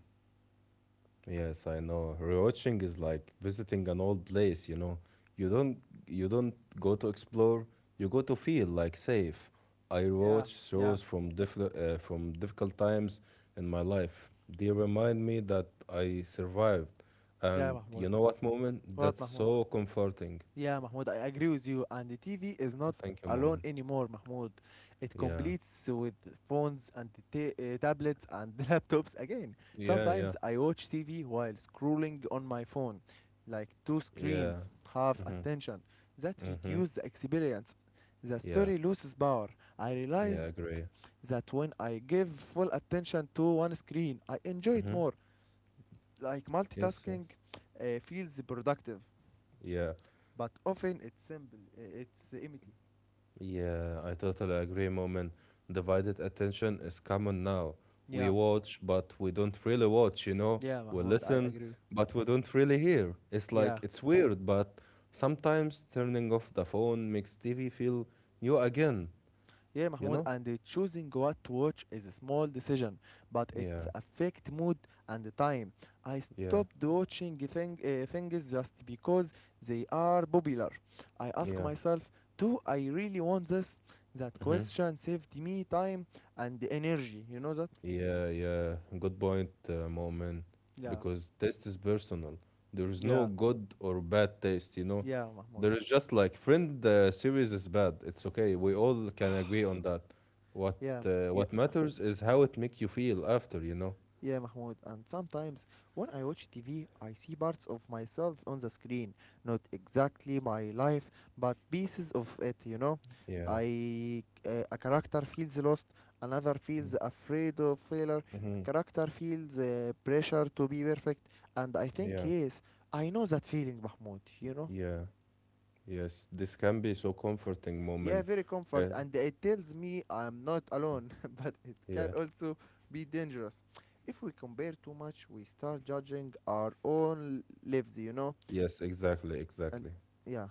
Yes, I know. Rewatching is like visiting an old place, you know. You don't you don't go to explore, you go to feel like safe. I
Yeah,
rewatch
yeah,
shows from difficult times in my life. They remind me that I survived.
yeah,
And
Mahmoud.
you know what, moment?
What,
That's
Mahmoud?
so comforting.
Yeah, Mahmoud, I agree with you. And the TV is not
Thank you,
alone
moment.
anymore, Mahmoud. It
Yeah.
completes with phones and tablets and laptops again.
Yeah, yeah.
Sometimes I watch TV while scrolling on my phone, like two
Yeah.
screens, half
Mm-hmm.
attention. That
Mm-hmm.
reduces the experience. The
Yeah.
story loses power. I
Yeah, I
realize
agree.
that when I give full attention to one screen, I enjoy it
Mm-hmm.
more. Like
Yes,
multitasking
yes.
feels productive,
Yeah.
but often it's empty.
Yeah, I totally agree, Moment. Divided attention is common now. We
Yeah,
watch, but we don't really watch, you know?
yeah,
We
Mahmoud, I
listen,
agree.
but we don't really hear. It's
Yeah,
like, it's weird, but sometimes turning off the phone makes TV feel new again,
Yeah,
you
Mahmoud,
know?
and choosing what to watch is a small decision, but it
Yeah,
affect mood and the time. I
yeah,
stopped watching things just because they are popular. I ask
yeah.
myself, do I really want this? That
Mm-hmm.
question saved me time and energy. You know that?
Yeah, yeah, good point, moment.
Yeah,
Because taste is personal. There is no
yeah,
good or bad taste, you know.
yeah, Mahmoud.
There is just like friend series is bad. It's okay. We all can agree on that. What
Yeah, yeah.
what matters is how it make you feel after, you know.
Yeah, Mahmoud, and sometimes when I watch TV, I see parts of myself on the screen. Not exactly my life, but pieces of it.
Yeah.
I a character feels lost, another
Mm-hmm.
feels afraid of failure, a
Mm-hmm.
character feels pressure to be perfect, and I think,
Yeah.
yes, I know that feeling, Mahmoud.
Yeah. Yes. This can be so comforting
Yeah,
moment.
very comfort,
Yeah.
and it tells me I'm not alone, but it can
Yeah.
also be dangerous. If we compare too much, we start judging our own lives, you know?
Yes. Exactly.
And
Exactly.
yeah.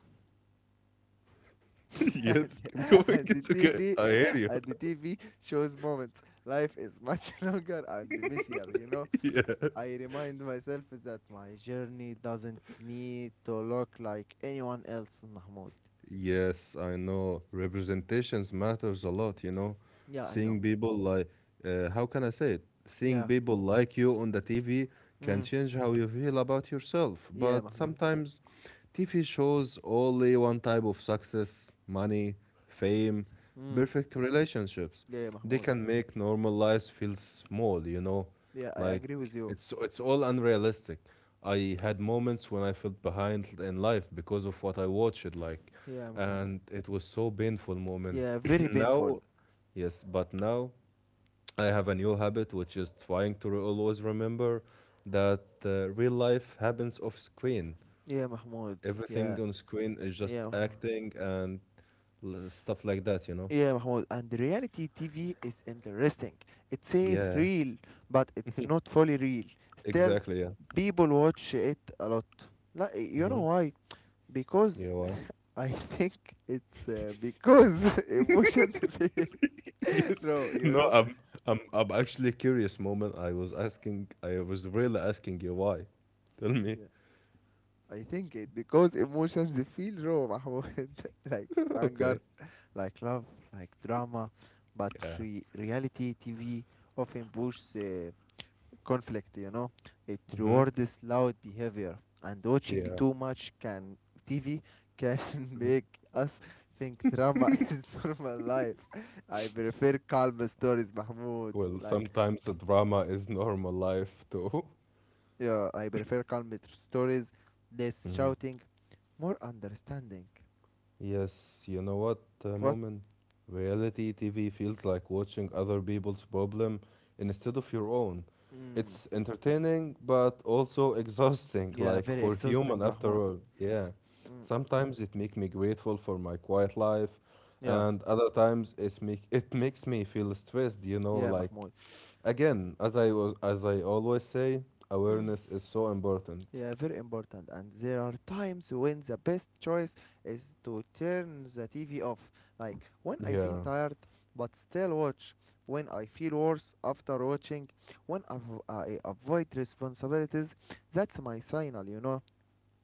yes, keep going.
and
It's
the
okay.
TV
I hear you.
and the TV shows moments. Life is much longer and messier, you know?
yeah.
I remind myself that my journey doesn't need to look like anyone else, Mahmoud.
Yes, I know. Representations matters a lot, you know.
Yeah, I
Seeing
know.
people like, how can I say it? Seeing
Yeah.
people like you on the TV can
Mm.
change how you feel about yourself.
Yeah,
But
Mahmoud.
sometimes TV shows only one type of success, money, fame,
Mm.
perfect relationships.
Yeah,
They
Mahmoud.
can make normal lives feel small, you know.
Yeah, I
Like
agree with you.
it's all unrealistic. I had moments when I felt behind in life because of what I watched, like,
Yeah, Mahmoud.
and it was so painful moment.
Yeah, very painful.
Now, yes, but now I have a new habit, which is trying to always remember that real life happens off screen.
Yeah, Mahmoud. Yeah,
Everything on screen is
yeah,
just
Mahmoud.
acting and stuff like that, you know?
Yeah, Mahmoud. And reality TV is interesting. It says
Yeah,
real, but it's not fully real. Still,
exactly. Yeah.
people watch it a lot. Like, you know
Hmm.
why? Because
Yeah, why?
I think it's because emotions feel
Yes.
raw, you
No,
know?
I'm I'm I'm actually curious moment. I was really asking you why. Tell me.
Yeah. I think it because emotions feel raw, Mahmoud. like anger,
Okay.
like love, like drama, but
Yeah.
reality TV often pushes conflict, you know. It
Hmm.
rewards loud behavior, and watching
Yeah.
too much can TV can make us think drama is normal life. I prefer calm stories, Mahmoud.
Well,
Like,
sometimes the drama is normal life too.
yeah, I prefer stories, less shouting, more understanding.
Yes, you know what,
What?
Moment? Reality TV feels like watching other people's problem instead of your own.
Mm.
It's entertaining, but also exhausting,
Yeah,
like
very
we're
exhausting,
human after
Mahmoud.
all. Yeah.
Mm.
Sometimes it makes me grateful for my quiet life,
Yeah,
and other times it makes me feel stressed, you know,
yeah,
like
Mahmoud.
again, as I always say,
Mm.
awareness is so important.
Yeah, very important. And there are times when the best choice is to turn the TV off. Like when I feel
Yeah.
tired but still watch, when I feel worse after watching, when I avoid responsibilities, that's my signal, you know?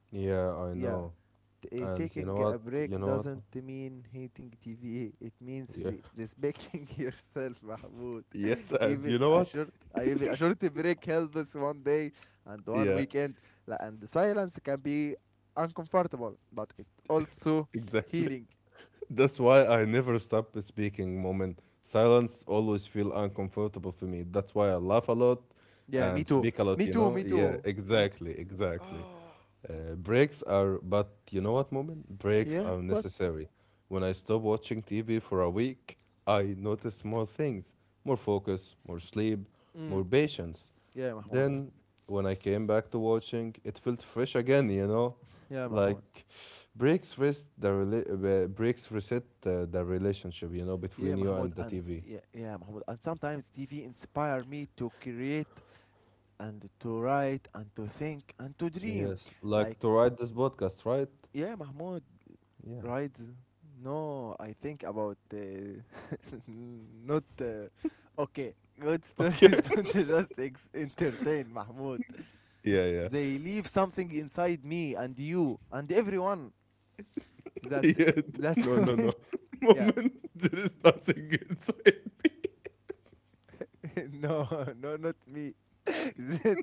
Yeah, I
Yeah,
know. And you
taking
know
a
what? You
break
know what?
doesn't mean hating TV, it means
Yeah.
respecting yourself, Mahmoud.
Yes, and
even
you know
a
what?
short uh, even a short break helps. One day and one
Yeah,
weekend. And the silence can be uncomfortable but it also
exactly.
healing.
That's why I never stop speaking moment. Silence always feel uncomfortable for me. That's why I laugh a lot
Yeah,
and speak a lot,
me
you
too
know?
me
Yeah,
too me too.
exactly, exactly.
Oh,
Breaks are, but you know what, moment? Breaks
yeah,
are
what?
necessary. When I stop watching TV for a week, I notice more things, more focus, more sleep,
Mm.
more patience.
yeah mahmoud
Then when I came back to watching, it felt fresh again, you know?
yeah mahmoud
Like breaks reset the relationship, you know,
yeah
between you
mahmoud
and the
and
TV.
yeah yeah mahmoud and sometimes TV inspire me to create and to write and to think and to dream.
Yes,
Like,
like to write this podcast, right?
yeah, Mahmoud,
Yeah.
right. No, I think about Not okay. Good
Okay.
stories don't just entertain, Mahmoud.
Yeah, yeah.
They leave something inside me and you and everyone. That's
Yeah.
that's
No, no, no.
when yeah.
Moment. There is nothing inside me.
no, no, not me. that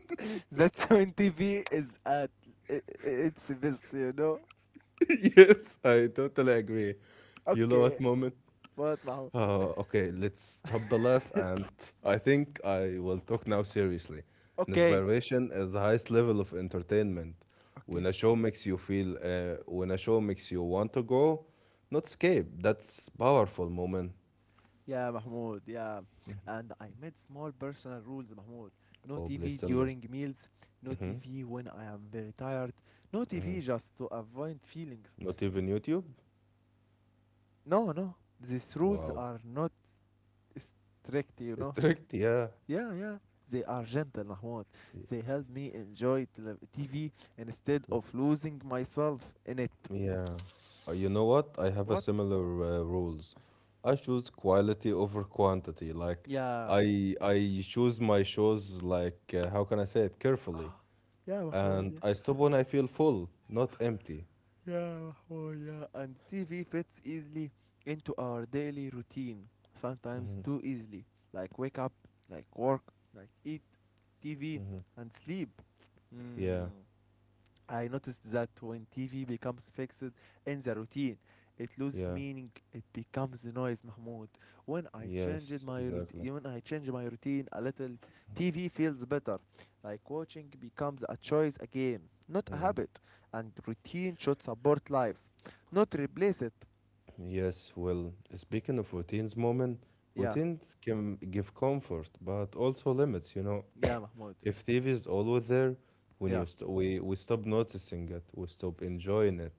that's when TV is at i- its best, you know.
Yes, I totally agree. You know
Okay,
what moment?
what, Mahmoud?
Okay, let's stop the laugh, and I think I will talk now seriously.
okay,
Inspiration is the highest level of entertainment.
okay.
When a show makes you want to go, not escape. That's powerful moment.
Yeah, Mahmoud. Yeah. And I made small personal rules, Mahmoud. No
Oh, please
TV
tell me.
during meals, no
Mm-hmm.
TV when I am very tired, no
Mm-hmm.
TV just to avoid feelings.
Not
Z-
even YouTube.
No, no. These rules
Wow,
are not s- strict, you know.
strict. Yeah.
Yeah, yeah. They are gentle, Mahmoud. They help me enjoy TV instead of losing myself in it.
Yeah. You know what? I have a
What?
similar rules. I choose quality over quantity. Like
Yeah.
I choose my shows like how can I say it carefully,
Yeah, Mahmoud,
and
yeah.
I stop when I feel full, not empty.
Yeah, oh yeah, and TV fits easily into our daily routine.
Hmm.
Sometimes too easily. Like wake up, like work, like eat, TV,
Hmm.
and sleep.
Yeah.
Mm. I noticed that when TV becomes fixed in the routine, it loses
Yeah.
meaning. It becomes noise, Mahmoud. When I
Yes.
changed my
Exactly.
routine, when I change my routine a little, TV feels better. Like watching becomes a choice again, not a
Mm.
habit. And routine should support life, not replace it.
Yes, well, speaking of routines, moment,
Yeah,
routines can give comfort, but also limits, you know.
yeah, Mahmoud.
If TV is always there, when you
Yeah,
st- we, we stop noticing it, we stop enjoying it.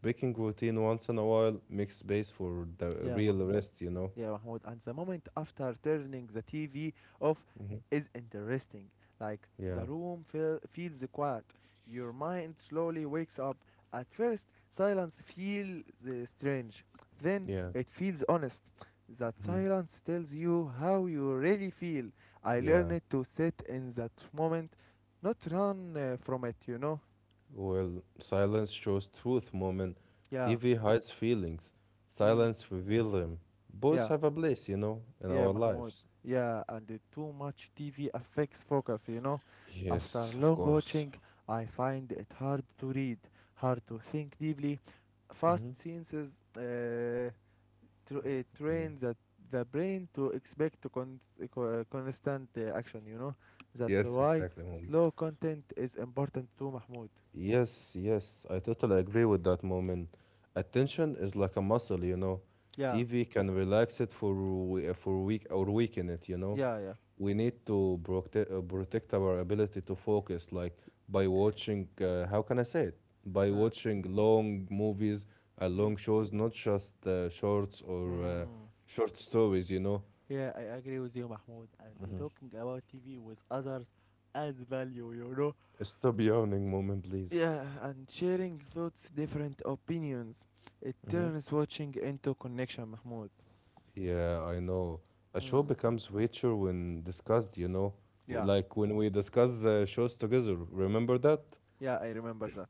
Breaking routine once in a while makes space for the
yeah,
real
Mahmoud.
rest, you know?
Yeah, Mahmoud. And the moment after turning the TV off
Hmm.
is interesting. Like
Yeah,
feels quiet. Your mind slowly wakes up. At first, silence feels strange. Then
yeah,
it feels honest. That
hmm,
silence tells you how you really feel. I
yeah.
learned to sit in that moment, not run from it, you know?
Well, silence shows truth, moment.
Yeah.
TV hides feelings,
Mm.
silence reveals them. Both
Yeah.
have a place, you know, in
Yeah,
our
Mahmoud.
lives.
Yeah, and the too much TV affects focus, you know. After
Yes, of
long
course.
watching, I find it hard to read, hard to think deeply. Fast
Hmm.
scenes is, uh, tr
Yeah.
train that the brain to expect constant action, you know. That's
Yes,
why
exactly, Mom.
slow content is important too, Mahmoud.
Yes, yes, I totally agree with that moment. Attention is like a muscle, you know.
Yeah,
TV can relax it for week or weaken it, you know.
yeah.
We need to protect our ability to focus, like by watching. How can I say it? By
Yeah.
watching long movies,
Mm.
long shows, not just shorts or
Mm.
short stories, you know.
Yeah, I agree with you, Mahmoud. And the
Hmm.
talking about TV with others adds value, you know?
Stop yawning, moment, please.
Yeah, and sharing thoughts, different opinions. It turns watching into connection, Mahmoud.
Yeah, I know. A show
Mm.
becomes richer when discussed, you know,
Yeah,
like when we discuss shows together. Remember that?
yeah, I remember that.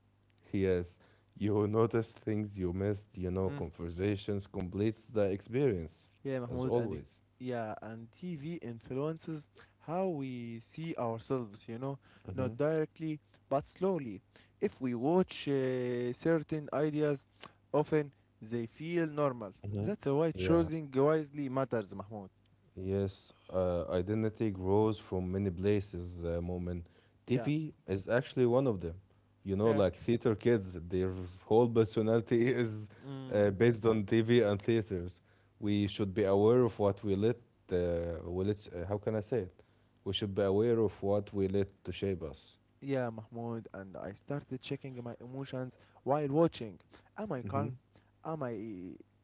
Yes. You notice things you missed, you know,
Mm.
conversations completes the experience,
Yeah,
as
Mahmoud, and it,
always.
yeah, and TV influences how we see ourselves, you know,
Mm-hmm.
not directly but slowly. If we watch certain ideas, often they feel normal.
Mm-hmm.
That's why
Yeah.
choosing wisely matters, Mahmoud.
Yes, identity grows from many places, Moment.
Yeah.
TV is actually one of them. You know,
Yeah.
like theater kids, their whole personality is
Mm.
based on TV and theaters. We should be aware of what we let how can I say it? We should be aware of what we let to shape us.
Yeah, Mahmoud, and I started checking my emotions while watching. Am I
Mm-hmm.
calm? Am I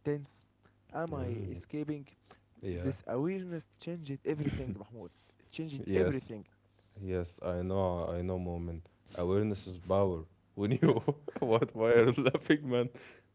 tense? Am I
Yeah.
escaping?
Yeah.
This awareness changed everything, Mahmoud. It changed
Yes.
everything.
Yes, I know, Moment. Awareness is power. When you
Yeah.
what why are you laughing, man?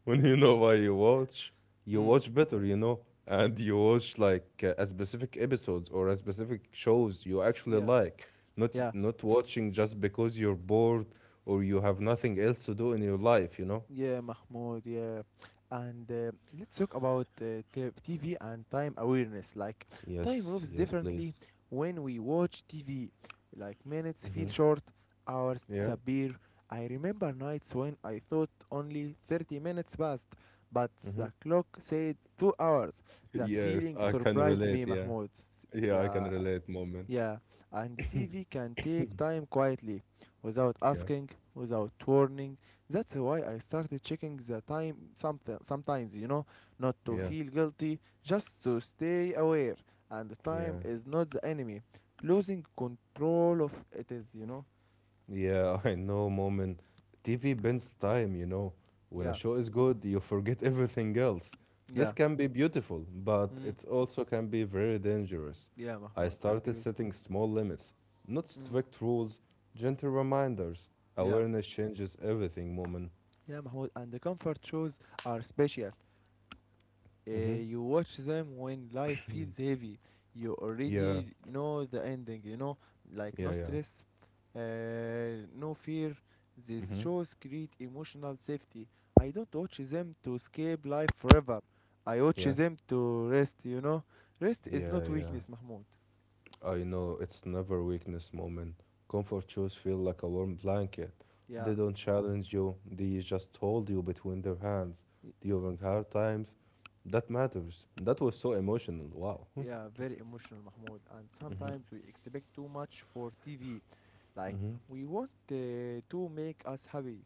When you know why you
Mm.
watch better, you know, and you watch like a specific episodes or a specific shows you actually
yeah
like. Not
yeah
not watching just because you're bored or you have nothing else to do in your life, you know.
yeah, Mahmoud. Yeah, and let's talk about TV and time awareness. Like time
Yes,
moves
yes,
differently
please.
when we watch TV. Like minutes feel
Hmm.
short, hours
Yeah.
disappear. I remember nights when I thought only 30 minutes passed, but
Hmm.
the clock said 2 hours. That
Yes,
feeling
I can
surprised
relate.
me,
Yeah.
Mahmoud.
Yeah, I can
Yeah.
relate, moment.
Yeah, and the TV can take time quietly, without
Yeah.
asking, without warning. That's why I started checking the time something sometimes, you know, not to
Yeah.
feel guilty, just to stay aware. And the
Yeah.
time is not the enemy. Losing control of it is, you know.
Yeah, I know, Mom. TV bends time, you know. When a
Yeah,
show is good, you forget everything else. This
yeah.
can be beautiful, but
Mm.
it also can be very dangerous.
Yeah,
I
Mahmoud, I
started
agree with.
setting small limits, not
Mm.
strict rules, gentle reminders.
Yeah,
Awareness changes everything, Mom.
yeah, Mahmoud. And the comfort shows are special.
Mm-hmm.
You watch them when life feels heavy. You
Yeah,
already know the ending, you know, like
yeah,
no
yeah.
stress, no fear. These
Mm-hmm.
shows create emotional safety. I don't watch them to escape life forever. I watch
Yeah,
them to rest, you know. Rest is
yeah,
not
yeah.
weakness, Mahmoud.
I know it's never weakness moment. Comfort shoes feel like a warm blanket.
Yeah,
They don't challenge you, they just hold you between their hands
y-
during hard times. That matters. That was so emotional. Wow.
yeah, very emotional, Mahmoud. And
Hmm.
sometimes we expect too much for TV. Like,
Hmm.
we want to make us happy,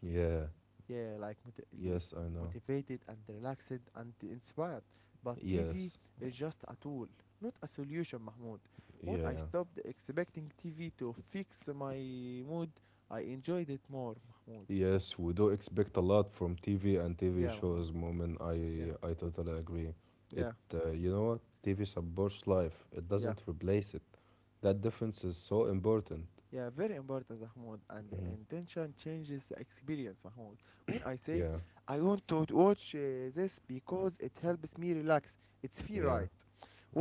Yeah.
yeah, like
Yes, I know.
motivated and relaxed and inspired, but TV
Yes.
is just a tool, not a solution, Mahmoud. When
Yeah,
I
yeah.
stopped expecting TV to fix my mood, I enjoyed it more, Mahmoud.
Yes, we do expect a lot from TV and TV
Yeah, Mahmoud.
shows, Moment,
yeah
I totally agree. It
yeah
you know what? TV supports life. It
yeah
doesn't replace it. That difference is so important.
yeah, very important, Mahmoud. And
Hmm.
the intention changes the experience, Mahmoud. When I say
Yeah,
I want to watch this because it helps me relax, it's feel
yeah,
right.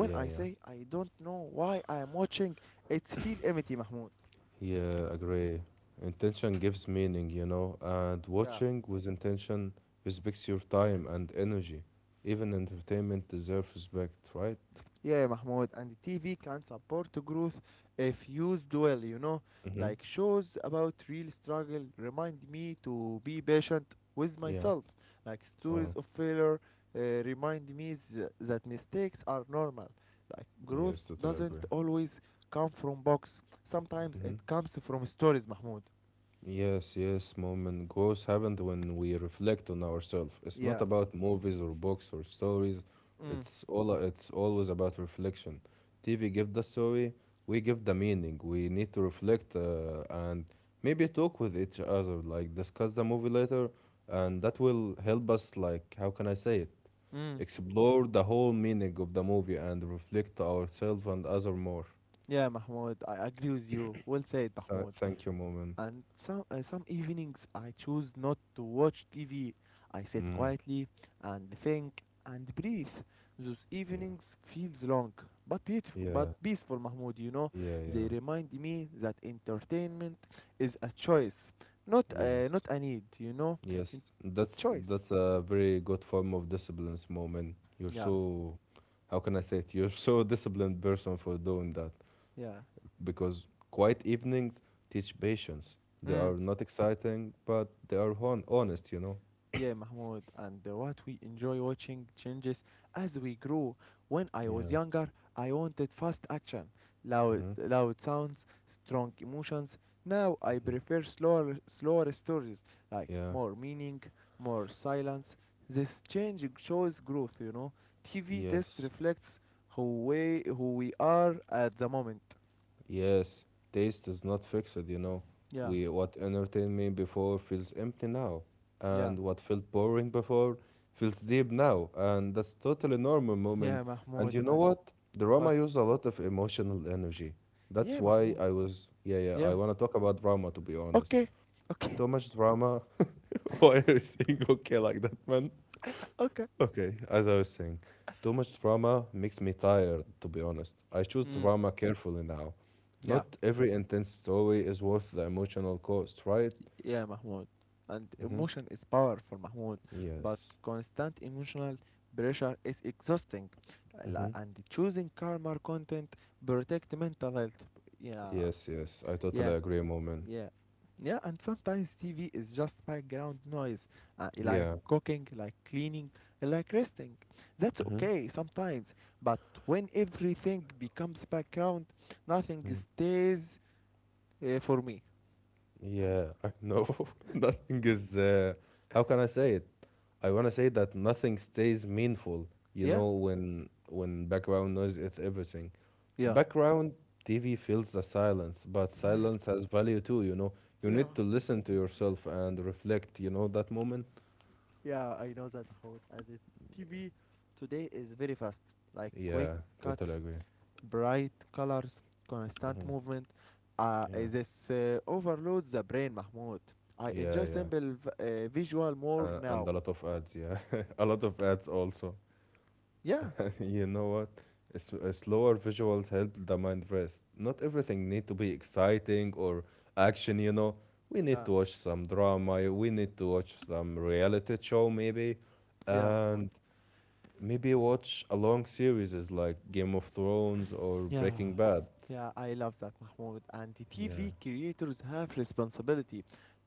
When I
yeah.
say I don't know why I am watching, it's feel empty, Mahmoud.
Yeah, agree. Intention gives meaning, you know, and
Yeah.
watching with intention respects your time and energy. Even entertainment deserves respect, right?
Yeah, Mahmoud, and TV can support growth if used well, you know.
Mm-hmm.
Like shows about real struggle remind me to be patient with
Yeah.
myself. Like stories
Oh,
of failure uh, remind me that mistakes are normal. Like
yes,
growth
totally agree.
doesn't always come from box. Sometimes
Mm-hmm.
it comes from stories, Mahmoud.
Yes, yes, mom, and growth happens when we reflect on ourselves. It's not
Yeah.
about movies or books or stories.
Mm.
It's always about reflection. TV give the story, we give the meaning. We need to reflect and maybe talk with each other, like discuss the movie later, and that will help us. Like, how can I say it?
Mm.
Explore the whole meaning of the movie and reflect to ourselves and other more.
Yeah, Mahmoud, I agree with you. Well said,
So,
Mahmoud.
thank you, mom. And-
And some evenings I choose not to watch TV. I sit
mm,
quietly and think and breathe. Those
yeah,
evenings feels long, but beautiful,
yeah,
but peaceful, Mahmoud. You know,
yeah, yeah.
they remind me that entertainment is a choice,
Yes.
not a need. You know, In-
Yes. That's
choice.
a very good form of disciplines, moment. You're
Yeah,
so, how can I say it? You're so disciplined person for doing that
yeah.
because quiet evenings teach patience. They
Mm.
are not exciting, but they are honest, you know?
Yeah, Mahmoud, and what we enjoy watching changes as we grow. When I was
Yeah.
younger, I wanted fast action,
Mm-hmm.
loud sounds, strong emotions. Now I prefer slower stories, like
Yeah.
more meaning, more silence. This change shows growth, you know. TV test
Yes.
reflects who we are at the moment.
Yes, taste is not fixed, you know.
Yeah,
We what entertained me before feels empty now, and
yeah,
what felt boring before feels deep now, and that's totally normal, moment.
yeah,
And
Mahmoud,
you know
and
what? Drama
what?
use a lot of emotional energy. That's
Yeah,
why
Mahmoud.
I was yeah yeah. I
Yeah.
wanna talk about drama to be honest.
Okay,
Too
okay,
much drama. Why are you saying okay like that, man?
okay.
Okay, as I was saying, too much drama makes me tired, to be honest. I choose
Mm.
drama carefully now.
Yeah,
Not every intense story is worth the emotional cost, right?
yeah, Mahmoud. And
Mm-hmm.
emotion is powerful, Mahmoud, but
Yes.
constant emotional pressure is exhausting.
Mm-hmm.
And choosing calmer content protect mental health. Yeah,
Yes, yes, I totally
yeah,
agree, Moment.
yeah. Yeah, and sometimes TV is just background noise, like
Yeah.
cooking, like cleaning, like resting. That's
Mm-hmm.
okay sometimes, but when everything becomes background, nothing
Mm-hmm.
stays for me.
Yeah, I know. Nothing is, how can I say it? I want to say that nothing stays meaningful, you
Yeah,
know, when background noise is everything.
yeah,
Background TV fills the silence, but silence has value too, you know. You
yeah.
need to listen to yourself and reflect, you know, that moment.
Yeah, I know that how it added. TV today is very fast, like quick
Yeah, totally
cuts,
agree.
bright colors,
Hmm.
constant movement.
Yeah,
This overloads the brain, Mahmoud. I
yeah,
enjoy
yeah.
simple visual more
And a
now.
lot of ads, yeah. A lot of ads also.
Yeah,
You know what? A slower visuals help the mind rest. Not everything need to be exciting or action, you know. We need
yeah,
to watch some drama, we need to watch some reality show maybe,
yeah, Mahmoud.
and maybe watch a long series is like Game of Thrones or
Yeah,
Breaking Bad.
yeah, I love that, Mahmoud. And the
Yeah.
TV creators have responsibility,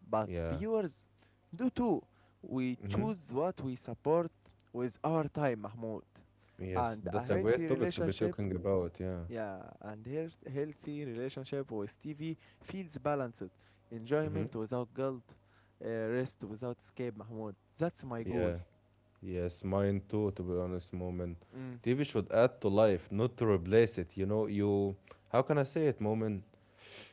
but
Yeah.
viewers do too. We
Mm-hmm.
choose what we support with our time, Mahmoud.
Yes,
And
that's
a
a great
healthy
topic to be
relationship,
talking about, yeah.
yeah, and healthy relationship with TV feels balanced.
Mm-hmm.
Enjoyment without guilt, rest without escape, Mahmoud. That's my goal.
Yeah. Yes, mine too, to be honest, Moment,
Mm.
TV should add to life, not to replace it. You know, how can I say it, Moment?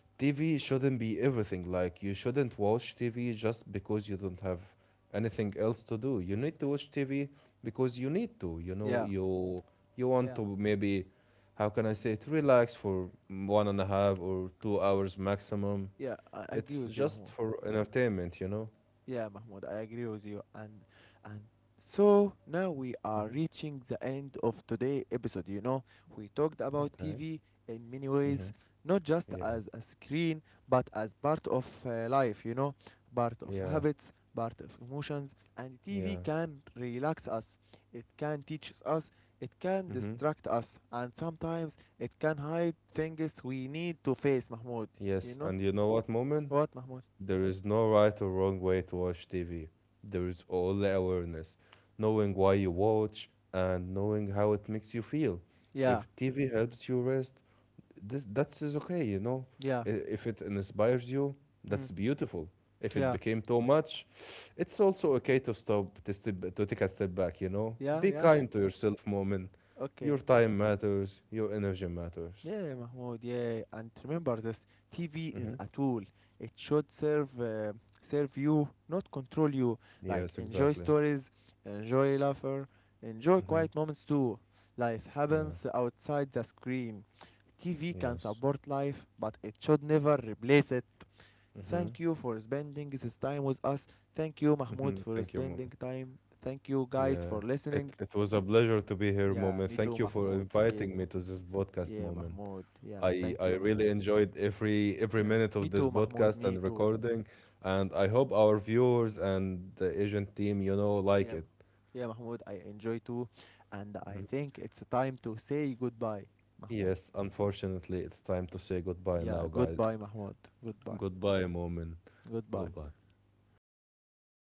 TV shouldn't be everything. Like, you shouldn't watch TV just because you don't have anything else to do. You need to watch TV because you need to. You know,
Yeah,
you want to
yeah,
maybe, how can I say it, relax for one and a half or 2 hours maximum.
yeah, I
It's
agree with you,
just
Mahmoud.
for entertainment, you know?
Yeah, Mahmoud, I agree with you. And so now we
Hmm.
are reaching the end of today episode. You know, we talked about
Okay.
TV in many
Hmm.
ways, not just
Yeah.
as a screen, but as part of life. You know, part of
Yeah,
habits, part of emotions, and TV
yeah.
can relax us. It can teach us. It can
Mm-hmm.
distract us, and sometimes it can hide things we need to face. Mahmoud,
Yes,
you know
and you know what, Moment?
what, Mahmoud?
There is no right or wrong way to watch TV. There is only awareness, knowing why you watch and knowing how it makes you feel.
Yeah,
If TV helps you rest, this that's is okay, you know.
yeah,
I- If it inspires you, that's
mm,
beautiful. If it
yeah.
became too much, it's also okay to step, to take a step back, you know. Be
Yeah, yeah.
kind to yourself, Moment. Your
Okay.
time matters. Your energy matters.
Yeah, yeah, Mahmoud. Yeah, yeah. And remember this: TV
Mm-hmm.
is a tool. It should serve you, not control you.
Yes,
Like enjoy
exactly.
stories, enjoy laughter, enjoy
Hmm.
quiet moments too. Life
Yeah.
happens outside the screen. TV can
Yes.
support life, but it should never replace it.
Hmm.
Thank you for spending this time with us. Thank you,
Hmm.
Mahmoud, for
Thank you, Mom.
spending time. Thank you guys
Yeah.
for
It
listening.
it was a pleasure to be here,
Yeah,
moment.
me
Thank
too,
you for
Mahmoud. Yeah.
inviting me to this podcast,
Yeah,
moment.
Mahmoud. Yeah,
I
thank you,
really
Mahmoud.
enjoyed every
Yeah,
minute of
me
this
too, Mahmoud.
podcast and
Me too.
recording, and I hope our viewers and the agent team, you know, like
Yeah,
it.
yeah, Mahmoud. I enjoy too, and I think it's time to say goodbye, Mahmoud.
Yes, unfortunately, it's time to say goodbye now,
Yeah,
guys.
goodbye, Mahmoud. Goodbye.
Goodbye, moment.
Goodbye.
Goodbye.